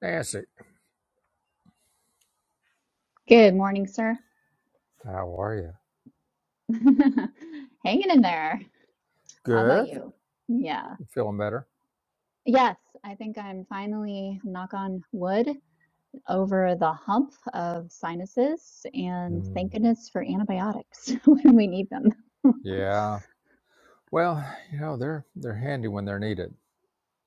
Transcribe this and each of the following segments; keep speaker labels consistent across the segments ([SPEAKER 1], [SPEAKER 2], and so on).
[SPEAKER 1] Nancy,
[SPEAKER 2] Good morning, sir.
[SPEAKER 1] how are you?
[SPEAKER 2] Hanging in there. How about
[SPEAKER 1] Good.
[SPEAKER 2] you? Yeah.
[SPEAKER 1] You feeling better?
[SPEAKER 2] Yes, I think I'm finally, knock on wood, over the hump of sinuses, and
[SPEAKER 1] Mm.
[SPEAKER 2] thank goodness for antibiotics when we need them.
[SPEAKER 1] Yeah. Well, you know they're they're handy when they're needed.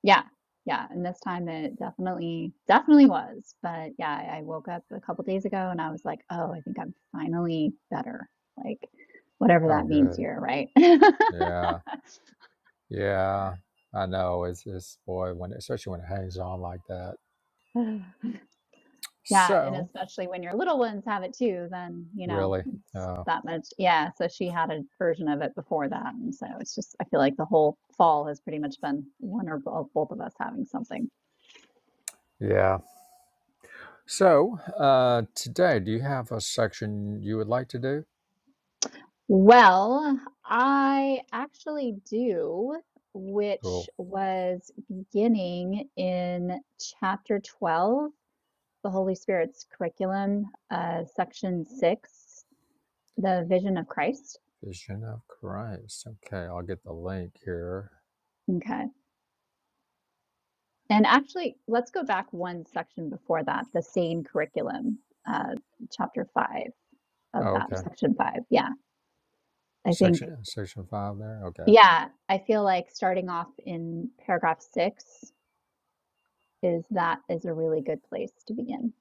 [SPEAKER 2] Yeah. Yeah. And this time it definitely, definitely was. But yeah, I I woke up a couple days ago and I was like, oh, I think I'm finally better. Like, whatever
[SPEAKER 1] Oh,
[SPEAKER 2] that means
[SPEAKER 1] good.
[SPEAKER 2] here, right?
[SPEAKER 1] Yeah. Yeah. I know. It's it's boy when especially when it hangs on like that.
[SPEAKER 2] Yeah, and
[SPEAKER 1] So
[SPEAKER 2] especially when your little ones have it too, then, you know,
[SPEAKER 1] really.
[SPEAKER 2] it's
[SPEAKER 1] Uh,
[SPEAKER 2] that much. Yeah, so she had a version of it before that. And so it's just, I feel like the whole fall has pretty much been one or both, both of us having something.
[SPEAKER 1] yeah. So uh, today, do you have a section you would like to do?
[SPEAKER 2] Well, I actually do, which
[SPEAKER 1] Cool.
[SPEAKER 2] was beginning in chapter 12, the Holy Spirit's curriculum, uh, section six, the vision of Christ.
[SPEAKER 1] Vision of Christ. Okay, I'll get the link here.
[SPEAKER 2] Okay. And actually, let's go back one section before that, the sane curriculum, uh, chapter five of
[SPEAKER 1] Oh,
[SPEAKER 2] that,
[SPEAKER 1] okay.
[SPEAKER 2] section five. Yeah, I think,
[SPEAKER 1] Section section five there. Okay.
[SPEAKER 2] yeah, I feel like starting off in paragraph six is that is a really good place to begin.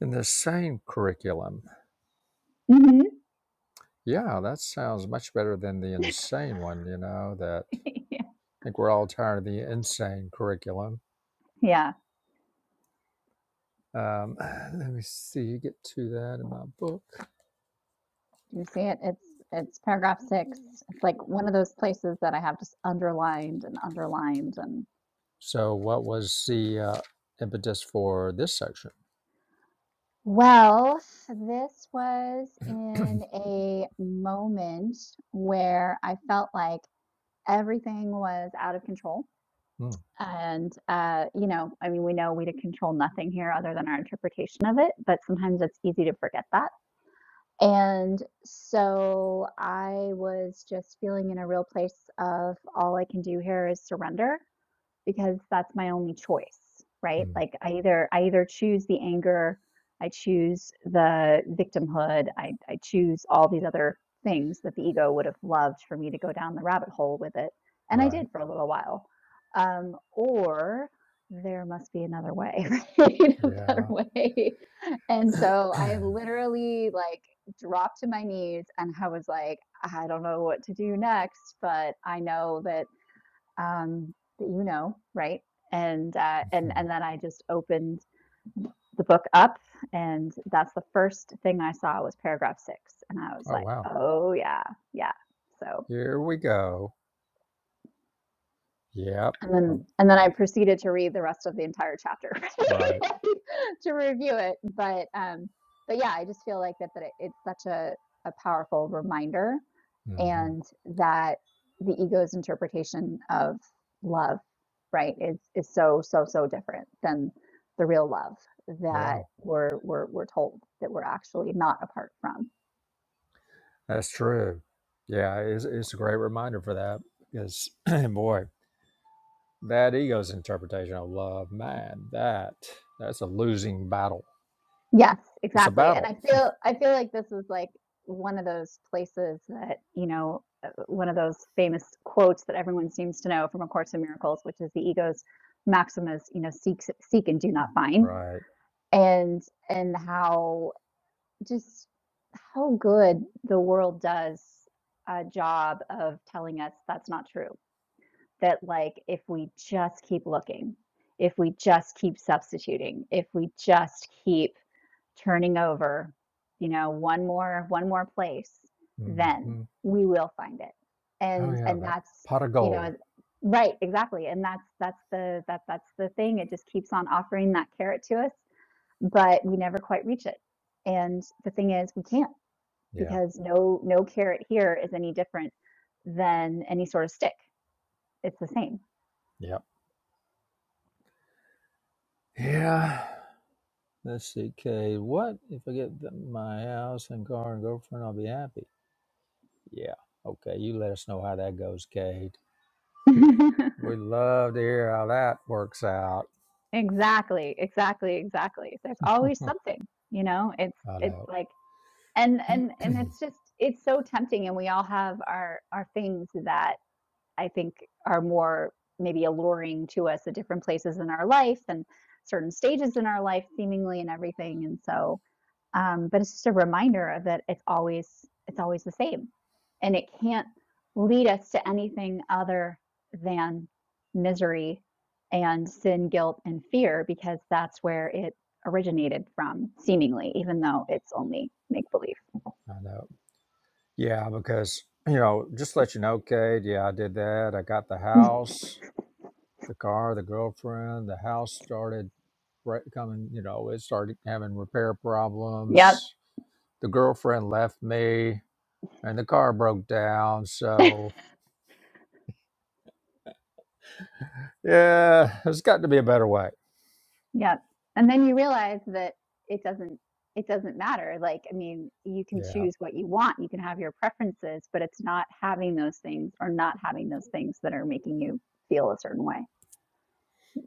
[SPEAKER 1] In the same curriculum.
[SPEAKER 2] hmm
[SPEAKER 1] Yeah, that sounds much better than the insane one, you know, that I think we're all tired of the insane curriculum.
[SPEAKER 2] Yeah,
[SPEAKER 1] Um, let me see, get to that in my book.
[SPEAKER 2] Do you see it? It's it's paragraph six. It's like one of those places that I have just underlined and underlined and
[SPEAKER 1] So, what was the uh, impetus for this section?
[SPEAKER 2] Well, this was in a moment where I felt like everything was out of control.
[SPEAKER 1] Mm,
[SPEAKER 2] And, uh, you know, I mean, we know we to control nothing here other than our interpretation of it, but sometimes it's easy to forget that. And so I was just feeling in a real place of all I can do here is surrender because that's my only choice, right?
[SPEAKER 1] mm,
[SPEAKER 2] Like I either I either choose the anger, I choose the victimhood, I I choose all these other things that the ego would have loved for me to go down the rabbit hole with it, and I
[SPEAKER 1] right.
[SPEAKER 2] did for a little while. Um, or there must be another way, right? A better
[SPEAKER 1] Yeah.
[SPEAKER 2] way. And so I literally like dropped to my knees and I was like, I don't know what to do next, but I know that um, that you know, right? And uh, and
[SPEAKER 1] Mhm.
[SPEAKER 2] and then I just opened the book up, and that's the first thing I saw was paragraph six, and I was
[SPEAKER 1] oh,
[SPEAKER 2] like,
[SPEAKER 1] wow.
[SPEAKER 2] oh yeah, yeah. So
[SPEAKER 1] Here we go. Yep.
[SPEAKER 2] and
[SPEAKER 1] Oh,
[SPEAKER 2] then and then I proceeded to read the rest of the entire chapter
[SPEAKER 1] right.
[SPEAKER 2] to review it, but um, but yeah, I just feel like that that it, it's such a a powerful reminder
[SPEAKER 1] hmm
[SPEAKER 2] and that the ego's interpretation of love right is is so so so different than the real love
[SPEAKER 1] Yeah,
[SPEAKER 2] that we're we're we're told that we're actually not apart from
[SPEAKER 1] that's true. Yeah, it's, it's a great reminder for that because, boy. That ego's interpretation of love, man, that that's a losing battle.
[SPEAKER 2] yes
[SPEAKER 1] It's a
[SPEAKER 2] exactly and
[SPEAKER 1] battle,
[SPEAKER 2] i feel i feel like this is like one of those places that you know uh, one of those famous quotes that everyone seems to know from a course in miracles which is the ego's maxim is you know seek seek and do not find
[SPEAKER 1] right?
[SPEAKER 2] and and how just how good the world does a job of telling us that's not true. That, like, if we just keep looking, if we just keep substituting, if we just keep turning over, you know, one more, one more place, then
[SPEAKER 1] hmm
[SPEAKER 2] we will find it.
[SPEAKER 1] Oh
[SPEAKER 2] And,
[SPEAKER 1] yeah,
[SPEAKER 2] and
[SPEAKER 1] that
[SPEAKER 2] that's,
[SPEAKER 1] pot of
[SPEAKER 2] you
[SPEAKER 1] gold.
[SPEAKER 2] know, right, exactly. And that's, that's the, that, that's the thing. It just keeps on offering that carrot to us, but we never quite reach it. And the thing is, we can't
[SPEAKER 1] Yeah,
[SPEAKER 2] because no no carrot here is any different than any sort of stick. It's the same.
[SPEAKER 1] yep, yeah. Let's see, Kay. What if I get th- my house and car and girlfriend? I'll be happy. Yeah. Okay, you let us know how that goes, Kate. We love to hear how that works out.
[SPEAKER 2] exactly, exactly, exactly. There's always
[SPEAKER 1] I
[SPEAKER 2] something, you know. It's it's
[SPEAKER 1] know.
[SPEAKER 2] like and and
[SPEAKER 1] I
[SPEAKER 2] and it's just it's so tempting, and we all have our our things that I think are more maybe alluring to us at different places in our life and certain stages in our life, seemingly, and everything. And so um, but it's just a reminder of that it's always it's always the same and it can't lead us to anything other than misery and sin guilt and fear because that's where it originated from seemingly even though it's only make believe
[SPEAKER 1] know. Yeah, because you know, just to let you know, Cade. Yeah, I did that. I got the house. the car, the girlfriend, the house started re- coming, you know, it started having repair
[SPEAKER 2] Yep,
[SPEAKER 1] problems. The girlfriend left me and the car broke down. So, yeah, there's got to be a better way.
[SPEAKER 2] yep. And then you realize that it doesn't it doesn't matter. Like, I mean, you can
[SPEAKER 1] Yeah.
[SPEAKER 2] choose what you want. You can have your preferences, but it's not having those things or not having those things that are making you feel a certain way.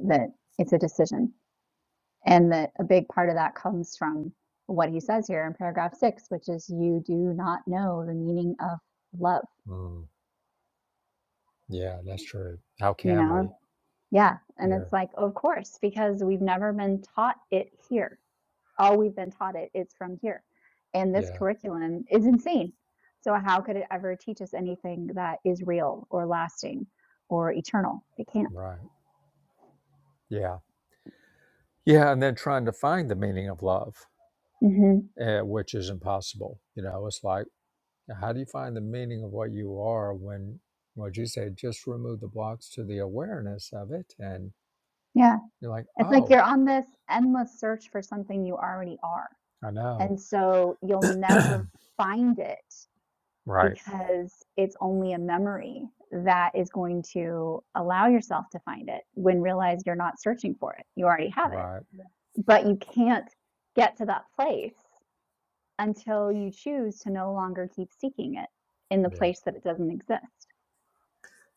[SPEAKER 2] that it's a decision and that a big part of that comes from what he says here in paragraph six which is you do not know the meaning of love
[SPEAKER 1] Mm, yeah, that's true. How
[SPEAKER 2] you
[SPEAKER 1] can
[SPEAKER 2] know
[SPEAKER 1] we?
[SPEAKER 2] yeah and
[SPEAKER 1] Yeah.
[SPEAKER 2] it's like of course because we've never been taught it here all we've been taught it is from here and this
[SPEAKER 1] Yeah.
[SPEAKER 2] curriculum is insane so how could it ever teach us anything that is real or lasting or eternal it can't
[SPEAKER 1] Right. Yeah. Yeah. And then trying to find the meaning of love,
[SPEAKER 2] hmm
[SPEAKER 1] uh, which is impossible. You know, it's like, How do you find the meaning of what you are when, what you say, just remove the blocks to the awareness of it? And
[SPEAKER 2] yeah
[SPEAKER 1] you're like,
[SPEAKER 2] it's like
[SPEAKER 1] oh,
[SPEAKER 2] you're on this endless search for something you already are
[SPEAKER 1] I know.
[SPEAKER 2] And so you'll never find it
[SPEAKER 1] Right.
[SPEAKER 2] because it's only a memory that is going to allow yourself to find it when realize you're not searching for it. You already have it.
[SPEAKER 1] Right.
[SPEAKER 2] But you can't get to that place until you choose to no longer keep seeking it in the
[SPEAKER 1] Yeah.
[SPEAKER 2] place that it doesn't exist.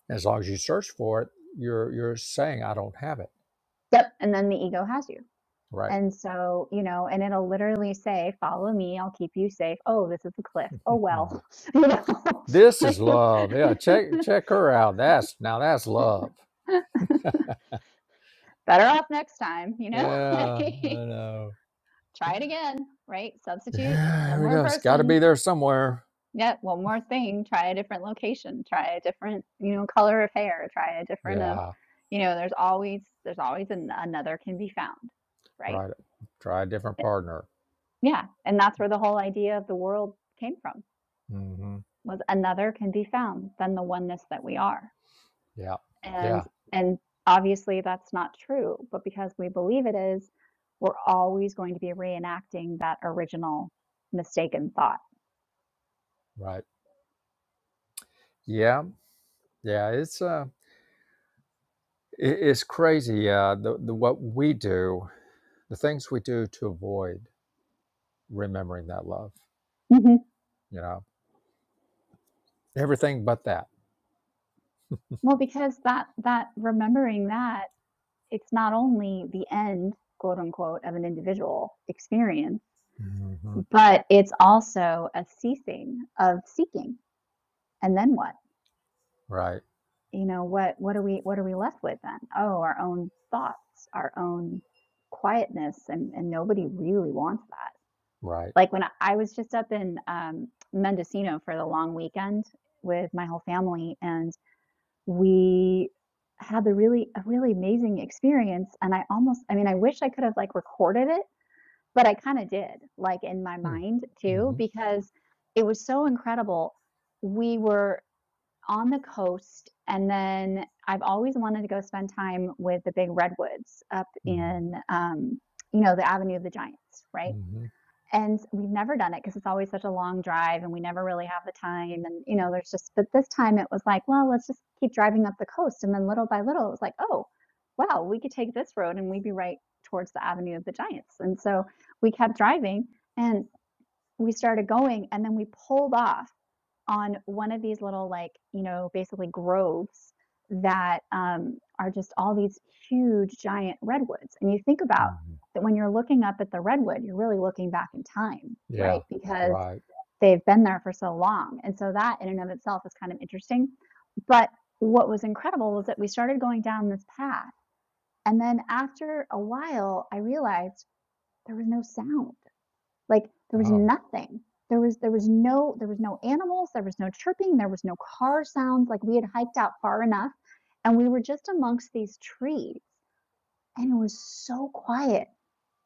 [SPEAKER 1] As long as you search for it, you're you're saying I don't have it.
[SPEAKER 2] Yep. And then the ego has you.
[SPEAKER 1] Right.
[SPEAKER 2] And so, you know, and it'll literally say, follow me, I'll keep you safe. Oh, this is a cliff. Oh, well, you know,
[SPEAKER 1] this is
[SPEAKER 2] like,
[SPEAKER 1] love. Yeah. Check check her out. That's now that's love.
[SPEAKER 2] better off next time, you know?
[SPEAKER 1] Yeah. I
[SPEAKER 2] Like,
[SPEAKER 1] know.
[SPEAKER 2] try it again, right? Substitute
[SPEAKER 1] Yeah.
[SPEAKER 2] one
[SPEAKER 1] Here we
[SPEAKER 2] more
[SPEAKER 1] go. It's got to be
[SPEAKER 2] person.
[SPEAKER 1] there somewhere.
[SPEAKER 2] Yeah, one more thing. Try a different location. Try a different, you know, color of hair. Try a different of,
[SPEAKER 1] Yeah.
[SPEAKER 2] you know, there's always there's always an, another can be found, right?
[SPEAKER 1] Right. Try a different
[SPEAKER 2] Eh,
[SPEAKER 1] partner.
[SPEAKER 2] Yeah, and that's where the whole idea of the world came from
[SPEAKER 1] hmm
[SPEAKER 2] was another can be found than the oneness that we are.
[SPEAKER 1] Yeah.
[SPEAKER 2] And
[SPEAKER 1] Yeah.
[SPEAKER 2] and obviously that's not true, but because we believe it is, we're always going to be reenacting that original mistaken thought.
[SPEAKER 1] Right. Yeah. Yeah, it's uh, i it's crazy. Uh, the, the what we do, the things we do to avoid remembering that love.
[SPEAKER 2] Mhm.
[SPEAKER 1] You know, everything but that.
[SPEAKER 2] Well, because that that remembering that it's not only the end, quote unquote, of an individual experience,
[SPEAKER 1] hmm
[SPEAKER 2] but it's also a ceasing of seeking. And then what?
[SPEAKER 1] Right.
[SPEAKER 2] You know, what what are we what are we left with then? Oh, our own thoughts, our own quietness, and, and nobody really wants that.
[SPEAKER 1] Right.
[SPEAKER 2] Like when I I was just up in um, Mendocino for the long weekend with my whole family, and we had the really a really amazing experience. And I almost, I mean, I wish I could have like recorded it, but I kind of did, like in my
[SPEAKER 1] Mm.
[SPEAKER 2] mind too,
[SPEAKER 1] hmm
[SPEAKER 2] because it was so incredible. We were on the coast, and then I've always wanted to go spend time with the big redwoods up
[SPEAKER 1] Mm.
[SPEAKER 2] in, um, you know, the Avenue of the Giants, right?
[SPEAKER 1] hmm
[SPEAKER 2] and we've never done it because it's always such a long drive and we never really have the time and you know there's just but this time it was like well let's just keep driving up the coast and then little by little it was like oh wow we could take this road and we'd be right towards the avenue of the giants and so we kept driving and we started going and then we pulled off on one of these little like, you know, basically groves that um, are just all these huge giant redwoods. And you think about
[SPEAKER 1] hmm
[SPEAKER 2] that when you're looking up at the redwood, you're really looking back in time,
[SPEAKER 1] Yeah.
[SPEAKER 2] right? Because
[SPEAKER 1] Right.
[SPEAKER 2] they've been there for so long. And so that in and of itself is kind of interesting. But what was incredible was that we started going down this path. And then after a while, I realized there was no sound. Like there was
[SPEAKER 1] Oh.
[SPEAKER 2] nothing. There was there was no there was no animals, there was no chirping, there was no car sounds. Like we had hiked out far enough and we were just amongst these trees and it was so quiet.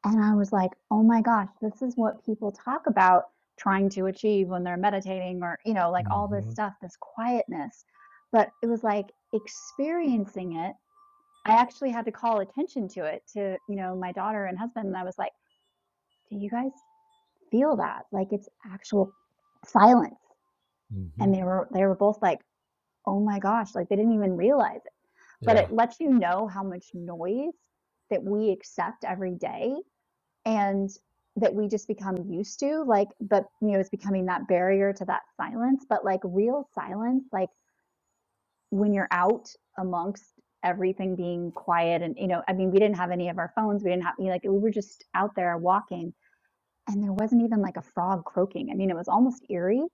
[SPEAKER 2] And I was like, "Oh my gosh, this is what people talk about trying to achieve when they're meditating or, you know, like all this
[SPEAKER 1] hmm
[SPEAKER 2] stuff, this quietness." But it was like experiencing it I actually had to call attention to it to, you know, my daughter and husband. And I was like, do you guys feel that. Like it's actual silence.
[SPEAKER 1] hmm
[SPEAKER 2] And they were they were both like, "Oh my gosh," like they didn't even realize it. But
[SPEAKER 1] Yeah.
[SPEAKER 2] it lets you know how much noise that we accept every day and that we just become used to like but you know it's becoming that barrier to that silence but like real silence like when you're out amongst everything being quiet and you know i mean we didn't have any of our phones we didn't have you know, like we were just out there walking And there wasn't even like a frog croaking. I mean, it was almost eerie,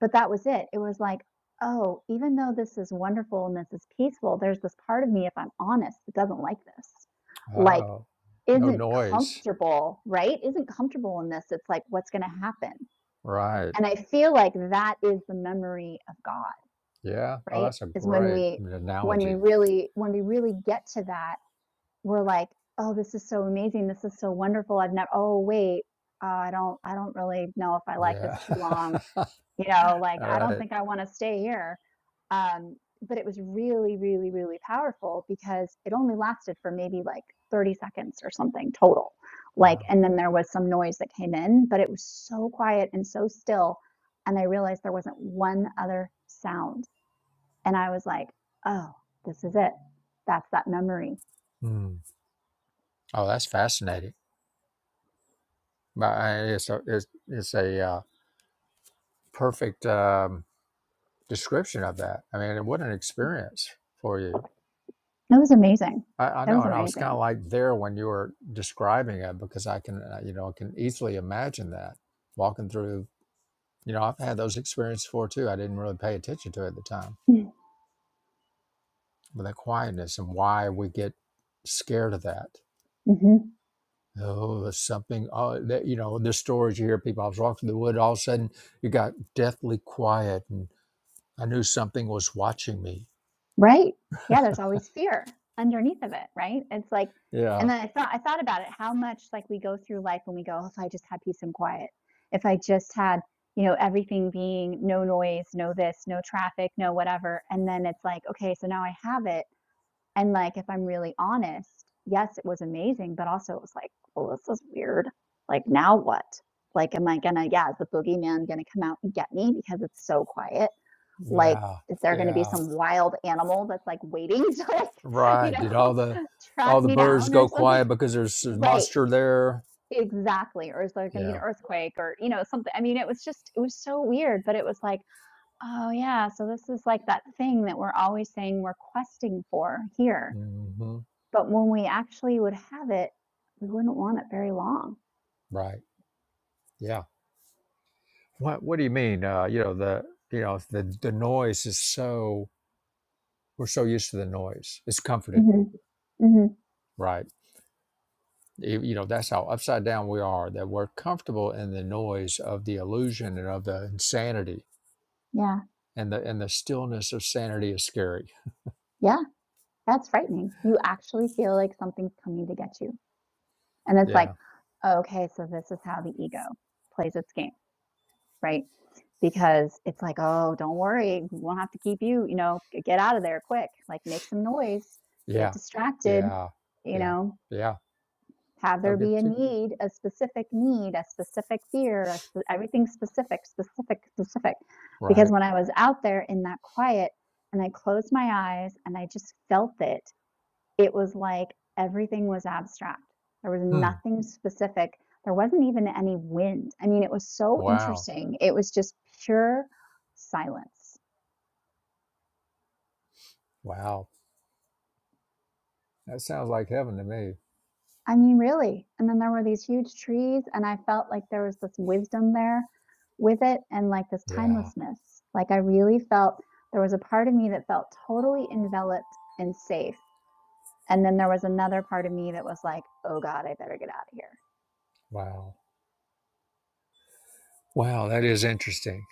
[SPEAKER 2] but that was it. It was like, oh, even though this is wonderful and this is peaceful, there's this part of me, if I'm honest, that doesn't like this. Like,
[SPEAKER 1] Oh. No
[SPEAKER 2] isn't
[SPEAKER 1] noise.
[SPEAKER 2] comfortable, right? Isn't comfortable in this. It's like, what's going to happen?
[SPEAKER 1] Right.
[SPEAKER 2] And I feel like that is the memory of God,
[SPEAKER 1] Yeah. Oh,
[SPEAKER 2] right?
[SPEAKER 1] that's a
[SPEAKER 2] Is when
[SPEAKER 1] great
[SPEAKER 2] we when we
[SPEAKER 1] analogy.
[SPEAKER 2] really when we really get to that we're like, "Oh, this is so amazing. This is so wonderful. I've never oh, wait, uh, I don't I don't really know if I like this
[SPEAKER 1] Yeah.
[SPEAKER 2] too long."
[SPEAKER 1] All
[SPEAKER 2] You know, like, "I don't
[SPEAKER 1] right.
[SPEAKER 2] think I wanna stay here." Um, but it was really, really, really powerful because it only lasted for maybe, like, 30 seconds or something total. Like,
[SPEAKER 1] Wow.
[SPEAKER 2] and then there was some noise that came in, but it was so quiet and so still, and I realized there wasn't one other sound, and I was like, "Oh, this is it. That's that memory."
[SPEAKER 1] Mm. Oh, that's fascinating. But uh, it's a it's, it's a uh, perfect um, description of that. I mean, what an experience for you.
[SPEAKER 2] That was amazing.
[SPEAKER 1] I, I
[SPEAKER 2] That
[SPEAKER 1] know,
[SPEAKER 2] was
[SPEAKER 1] and I was kind
[SPEAKER 2] amazing.
[SPEAKER 1] of like there when you were describing it because I can, uh, you know, I can easily imagine that walking through. You know, I've had those experiences before too. I didn't really pay attention to it at the time, but that quietness and why we get scared of that.
[SPEAKER 2] Mhm.
[SPEAKER 1] Oh, there's something. Oh, that, you know, the stories you hear people. I was walking through the wood. All of a sudden, you got deathly quiet and. I knew something was watching me.
[SPEAKER 2] Right? Yeah, there's always fear underneath of it, right? It's like
[SPEAKER 1] Yeah.
[SPEAKER 2] and then I thought I thought about it, how much like we go through life and we go, "Oh, if I just had peace and quiet, if I just had, you know, everything being no noise, no this, no traffic, no whatever." And then it's like, okay, so now I have it. And like, if I'm really honest, yes, it was amazing, but also it was like, well, this is weird. Like, now what? Like, am I gonna, yeah, is the boogeyman gonna come out and get me because it's so quiet? Like,
[SPEAKER 1] Yeah.
[SPEAKER 2] is there gonna be
[SPEAKER 1] Yeah.
[SPEAKER 2] some wild animal that's like waiting to like, you
[SPEAKER 1] Right. Did
[SPEAKER 2] know,
[SPEAKER 1] all the
[SPEAKER 2] track
[SPEAKER 1] all the
[SPEAKER 2] me
[SPEAKER 1] birds
[SPEAKER 2] down or
[SPEAKER 1] go
[SPEAKER 2] something?
[SPEAKER 1] quiet because there's a
[SPEAKER 2] Right,
[SPEAKER 1] monster there?
[SPEAKER 2] exactly. Or is there gonna be an
[SPEAKER 1] Yeah.
[SPEAKER 2] earthquake or, you know, something? I mean, it was just, it was so weird, but it was like, oh yeah, so this is like that thing that we're always saying we're questing for here
[SPEAKER 1] hmm
[SPEAKER 2] but when we actually would have it, we wouldn't want it very long.
[SPEAKER 1] Right. Yeah. What What do you mean? Uh, you know the you know the the noise is so we're so used to the noise. It's comforting,
[SPEAKER 2] hmm hmm
[SPEAKER 1] Right. you you know. That's how upside down we are. That we're comfortable in the noise of the illusion and of the insanity,
[SPEAKER 2] Yeah.
[SPEAKER 1] and the and the stillness of sanity is scary.
[SPEAKER 2] Yeah. That's frightening. You actually feel like something's coming to get you. And it's like,
[SPEAKER 1] Yeah.
[SPEAKER 2] okay, so this is how the ego plays its game, right? Because it's like, oh, don't worry. We won't have to keep you, you know, get out of there quick. Like make some noise, get
[SPEAKER 1] Yeah,
[SPEAKER 2] distracted,
[SPEAKER 1] yeah,
[SPEAKER 2] you
[SPEAKER 1] yeah,
[SPEAKER 2] know.
[SPEAKER 1] yeah.
[SPEAKER 2] have
[SPEAKER 1] They'll
[SPEAKER 2] there be
[SPEAKER 1] get
[SPEAKER 2] a
[SPEAKER 1] to
[SPEAKER 2] need, a specific need, a specific fear, a spe- everything specific, specific, specific. Because
[SPEAKER 1] right.
[SPEAKER 2] when I was out there in that quiet and I closed my eyes and I just felt it, it was like everything was abstract. There was
[SPEAKER 1] Hmm.
[SPEAKER 2] nothing specific. There wasn't even any wind. I mean, it was so
[SPEAKER 1] Wow.
[SPEAKER 2] interesting. It was just pure silence.
[SPEAKER 1] Wow. That sounds like heaven to me.
[SPEAKER 2] I mean, really. And then there were these huge trees, and I felt like there was this wisdom there with it and like this
[SPEAKER 1] Yeah.
[SPEAKER 2] timelessness. Like, I really felt there was a part of me that felt totally enveloped and safe. And then there was another part of me that was like, oh God, I better get out of
[SPEAKER 1] Wow. Wow. That is interesting.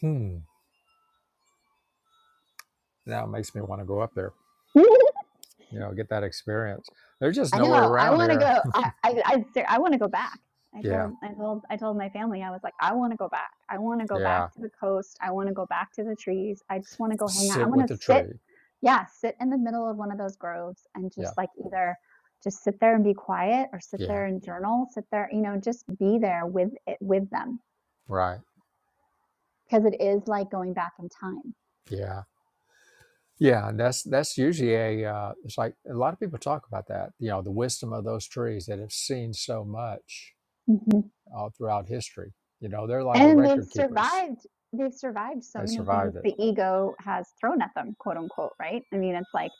[SPEAKER 1] Hmm. Now it makes me want to go up there.
[SPEAKER 2] here.
[SPEAKER 1] You know, get that experience. There's just
[SPEAKER 2] I
[SPEAKER 1] nowhere
[SPEAKER 2] know. I
[SPEAKER 1] around
[SPEAKER 2] want to go.
[SPEAKER 1] here.
[SPEAKER 2] I I I, ser- I want to go back. I
[SPEAKER 1] Yeah.
[SPEAKER 2] told I told I told my family I was like I want to go back. I want to go back
[SPEAKER 1] Yeah.
[SPEAKER 2] to the coast. I want to go back to the trees. I just want to go hang out. I
[SPEAKER 1] Sit
[SPEAKER 2] want
[SPEAKER 1] with
[SPEAKER 2] to
[SPEAKER 1] the
[SPEAKER 2] sit
[SPEAKER 1] tree.
[SPEAKER 2] yeah, sit in the middle of one of those groves and
[SPEAKER 1] Yeah.
[SPEAKER 2] just like either just sit there and be quiet or sit
[SPEAKER 1] Yeah.
[SPEAKER 2] there and journal, sit there, you know, just be there with it with them
[SPEAKER 1] Right.
[SPEAKER 2] because it is like going back in time.
[SPEAKER 1] Yeah. Yeah. And that's that's usually a. Uh, it's like a lot of people talk about that. You know, the wisdom of those trees that have seen so much
[SPEAKER 2] Mhm.
[SPEAKER 1] all throughout history. You know, they're like the
[SPEAKER 2] And they've
[SPEAKER 1] record keepers.
[SPEAKER 2] survived they've survived so
[SPEAKER 1] They
[SPEAKER 2] many things
[SPEAKER 1] survived it.
[SPEAKER 2] the ego has thrown at them, quote unquote, right? I mean, it's like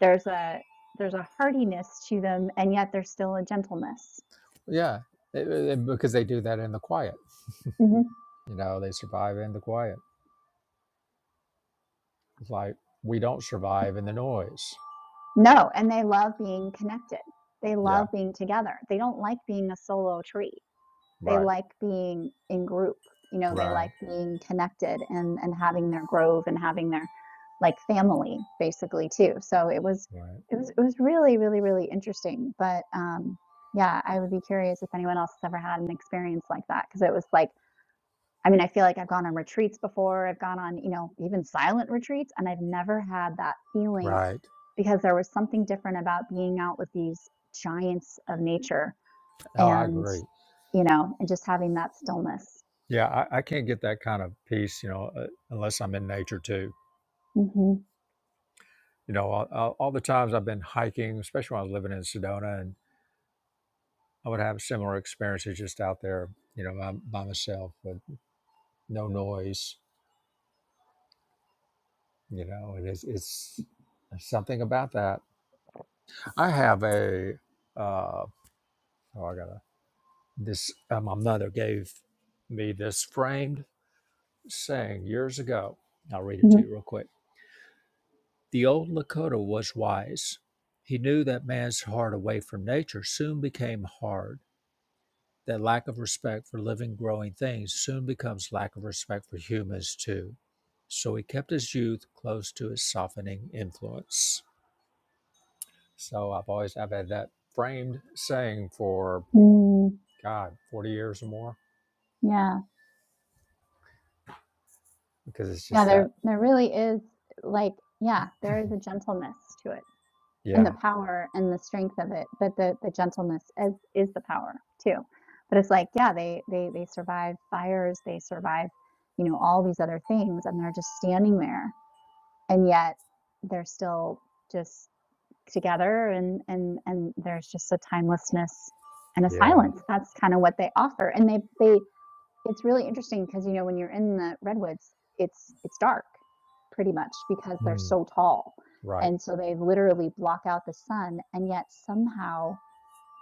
[SPEAKER 2] there's a there's a hardiness to them and yet there's still a gentleness.
[SPEAKER 1] Yeah, it- it- because they do that in the quiet.
[SPEAKER 2] hmm
[SPEAKER 1] You know, they survive in the quiet. It's like we don't survive in the noise.
[SPEAKER 2] No, and they love being connected. They
[SPEAKER 1] Yeah,
[SPEAKER 2] love being together. They don't like being a solo tree. they
[SPEAKER 1] right,
[SPEAKER 2] like being in group you know they like
[SPEAKER 1] right,
[SPEAKER 2] being connected and and having their grove and having their like family basically too so it was
[SPEAKER 1] right,
[SPEAKER 2] it was it was really really really interesting but um yeah i would be curious if anyone else has ever had an experience like that because it was like i mean i feel like i've gone on retreats before i've gone on you know even silent retreats and i've never had that feeling
[SPEAKER 1] right.
[SPEAKER 2] because there was something different about being out with these giants of nature
[SPEAKER 1] Oh, I
[SPEAKER 2] and
[SPEAKER 1] agree.
[SPEAKER 2] you know and just having that stillness
[SPEAKER 1] Yeah, I, I can't get that kind of peace, you know, uh, unless I'm in nature too.
[SPEAKER 2] Mhm,
[SPEAKER 1] You know, all, all all the times I've been hiking, especially when I was living in Sedona, and I would have similar experiences just out there, you know, by, by myself with no noise You know, it is, it's there's something about that. I have a, uh, oh, I gotta, this, uh, my mother gave me this framed saying years ago. I'll read it to
[SPEAKER 2] mhm,
[SPEAKER 1] you real quick. The old Lakota was wise. He knew that man's heart away from nature soon became hard, that lack of respect for living, growing things soon becomes lack of respect for humans too. So he kept his youth close to his softening influence. So I've always I've had that framed saying for
[SPEAKER 2] mm,
[SPEAKER 1] God forty years or more
[SPEAKER 2] yeah,
[SPEAKER 1] because it's
[SPEAKER 2] yeah,
[SPEAKER 1] just that
[SPEAKER 2] there there really is, like yeah, there is a gentleness to it, and
[SPEAKER 1] yeah
[SPEAKER 2] the power and the strength of it, but the the gentleness is is the power too. But it's like, yeah, they they they survive fires, they survive, you know, all these other things, and they're just standing there, and yet they're still just together, and and and there's just a timelessness and a
[SPEAKER 1] yeah
[SPEAKER 2] silence. That's kind of what they offer, and they they It's really interesting because you know, when you're in the redwoods, it's it's dark pretty much because they're
[SPEAKER 1] hmm,
[SPEAKER 2] so tall,
[SPEAKER 1] right
[SPEAKER 2] and so they literally block out the sun, and yet somehow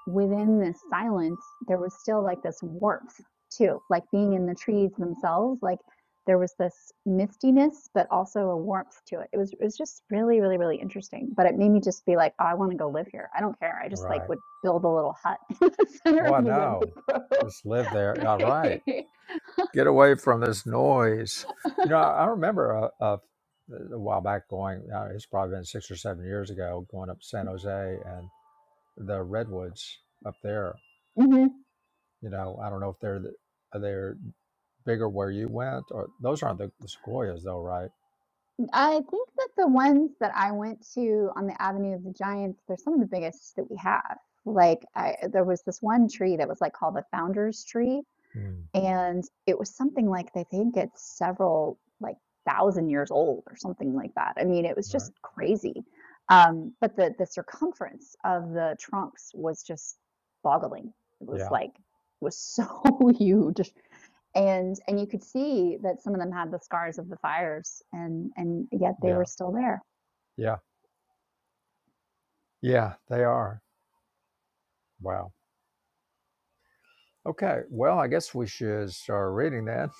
[SPEAKER 2] within this silence, there was still, like, this warmth too, like, being in the trees themselves, like, there was this mistiness, but also a warmth to it. It was it was just really, really, really interesting, but it made me just be like, "Oh, I wanna go live here. I don't care." I
[SPEAKER 1] all
[SPEAKER 2] just, like,
[SPEAKER 1] right
[SPEAKER 2] would build a little hut in the center
[SPEAKER 1] oh
[SPEAKER 2] of
[SPEAKER 1] I
[SPEAKER 2] the
[SPEAKER 1] know
[SPEAKER 2] redwood grove.
[SPEAKER 1] just live there all right get away from this noise you know I, I remember a, a, a while back going uh, it's probably been six or seven years ago going up to San Jose and the redwoods up there
[SPEAKER 2] Mhm.
[SPEAKER 1] you know I don't know if they're the, are they bigger where you went or those aren't the, the sequoias though right
[SPEAKER 2] I think that the ones that I went to on the Avenue of the Giants, they're some of the biggest that we have. Like, I there was this one tree that was, like, called the founder's tree,
[SPEAKER 1] Hmm.
[SPEAKER 2] and it was something like they think it's several, like, thousand years old or something like that. I mean, it was
[SPEAKER 1] Right.
[SPEAKER 2] just crazy. Um, but the the circumference of the trunks was just boggling. It was
[SPEAKER 1] Yeah.
[SPEAKER 2] like was so huge and and you could see that some of them had the scars of the fires and and yet they
[SPEAKER 1] Yeah.
[SPEAKER 2] were still there
[SPEAKER 1] Yeah. Yeah. They are. Wow. Okay. Well, I guess we should start reading then.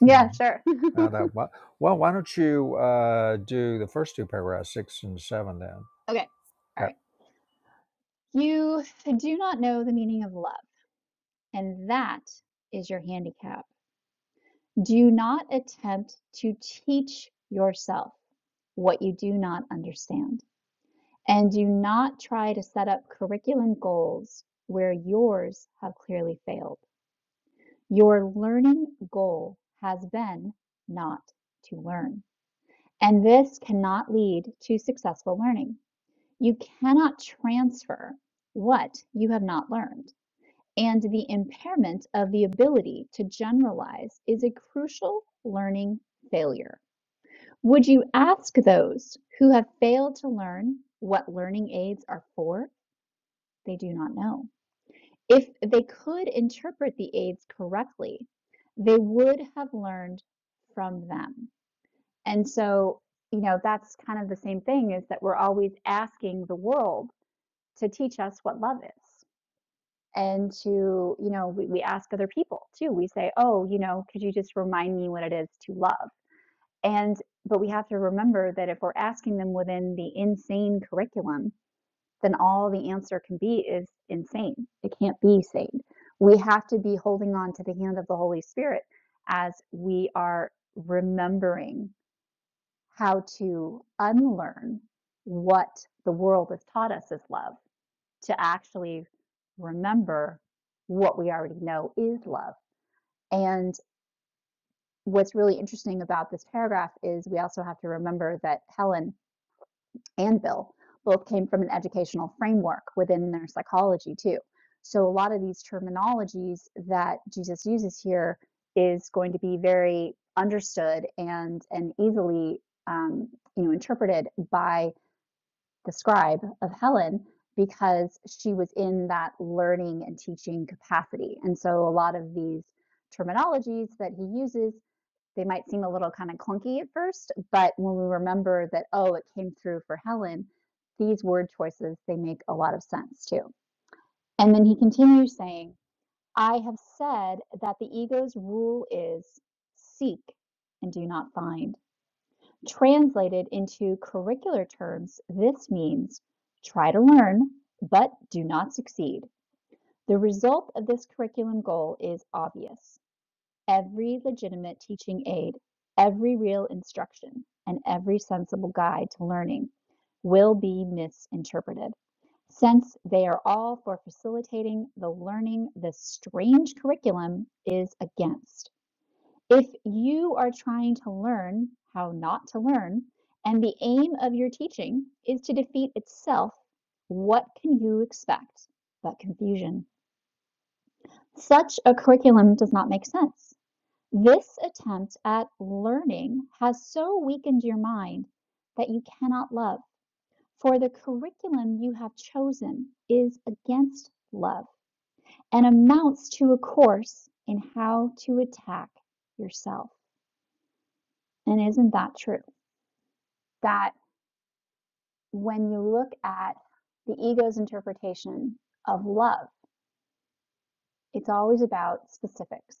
[SPEAKER 2] yeah sure
[SPEAKER 1] Now that- wha- well, why don't you uh, do the first two paragraphs, six and seven, then?
[SPEAKER 2] okay all
[SPEAKER 1] Okay.
[SPEAKER 2] right you do not know the meaning of love and that is your handicap do not attempt to teach yourself what you do not understand and do not try to set up curriculum goals where yours have clearly failed your learning goal has been not to learn and this cannot lead to successful learning. You cannot transfer what you have not learned. And the impairment of the ability to generalize is a crucial learning failure. Would you ask those who have failed to learn what learning aids are for? They do not know. If they could interpret the aids correctly, they would have learned from them. And so, you know, that's kind of the same thing is that we're always asking the world to teach us what love is. And to, you know, we, we ask other people too. We say, oh, you know, could you just remind me what it is to love? And, but we have to remember that if we're asking them within the insane curriculum, then all the answer can be is insane. It can't be sane. We have to be holding on to the hand of the Holy Spirit as we are remembering how to unlearn what the world has taught us as love, to actually remember what we already know is love. And what's really interesting about this paragraph is we also have to remember that Helen and Bill both came from an educational framework within their psychology, too. So a lot of these terminologies that Jesus uses here is going to be very understood and and easily um, you know interpreted by describe of Helen because she was in that learning and teaching capacity. And so a lot of these terminologies that he uses, they might seem a little kind of clunky at first, but when we remember that, oh, it came through for Helen, these word choices, they make a lot of sense too. And then he continues saying, I have said that the ego's rule is seek and do not find. Translated into curricular terms, this means try to learn but do not succeed. The result of this curriculum goal is obvious. Every legitimate teaching aid, every real instruction, and every sensible guide to learning will be misinterpreted. Since they are all for facilitating the learning this strange curriculum is against. If you are trying to learn how not to learn, and the aim of your teaching is to defeat itself, what can you expect but confusion? Such a curriculum does not make sense. This attempt at learning has so weakened your mind that you cannot love, for the curriculum you have chosen is against love and amounts to a course in how to attack yourself. And isn't that true? That when you look at the ego's interpretation of love, it's always about specifics,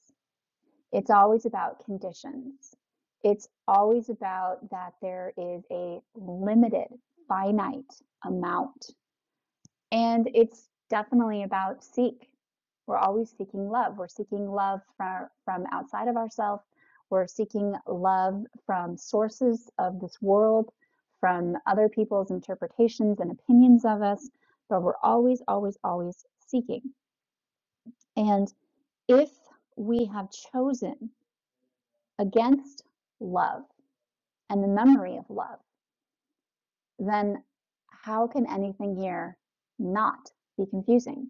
[SPEAKER 2] it's always about conditions, it's always about that there is a limited, finite amount and it's definitely about seek. We're always seeking love. We're seeking love from, from outside of ourselves. We're seeking love from sources of this world, from other people's interpretations and opinions of us, but we're always, always, always seeking. And if we have chosen against love and the memory of love, then how can anything here not be confusing?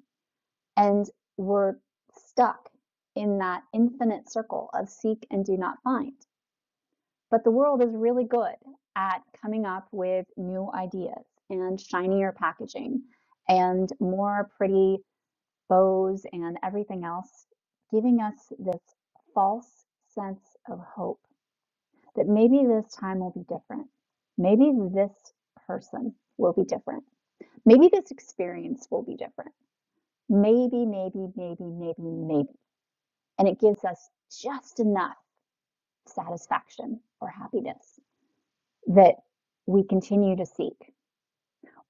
[SPEAKER 2] and we're stuck in that infinite circle of seek and do not find. But the world is really good at coming up with new ideas and shinier packaging and more pretty bows and everything else, giving us this false sense of hope that maybe this time will be different. Maybe this person will be different. Maybe this experience will be different. Maybe, maybe, maybe, maybe, maybe. and it gives us just enough satisfaction or happiness that we continue to seek.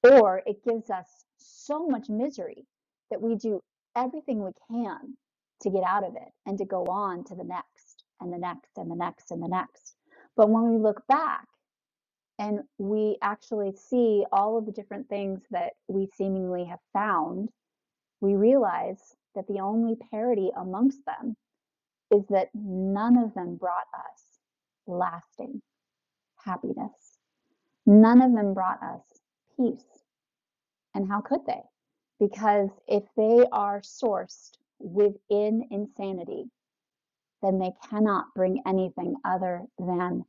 [SPEAKER 2] Or it gives us so much misery that we do everything we can to get out of it and to go on to the next and the next and the next and the next. But when we look back and we actually see all of the different things that we seemingly have found, we realize that the only parity amongst them is that none of them brought us lasting happiness. None of them brought us peace. And how could they? Because if they are sourced within insanity, then they cannot bring anything other than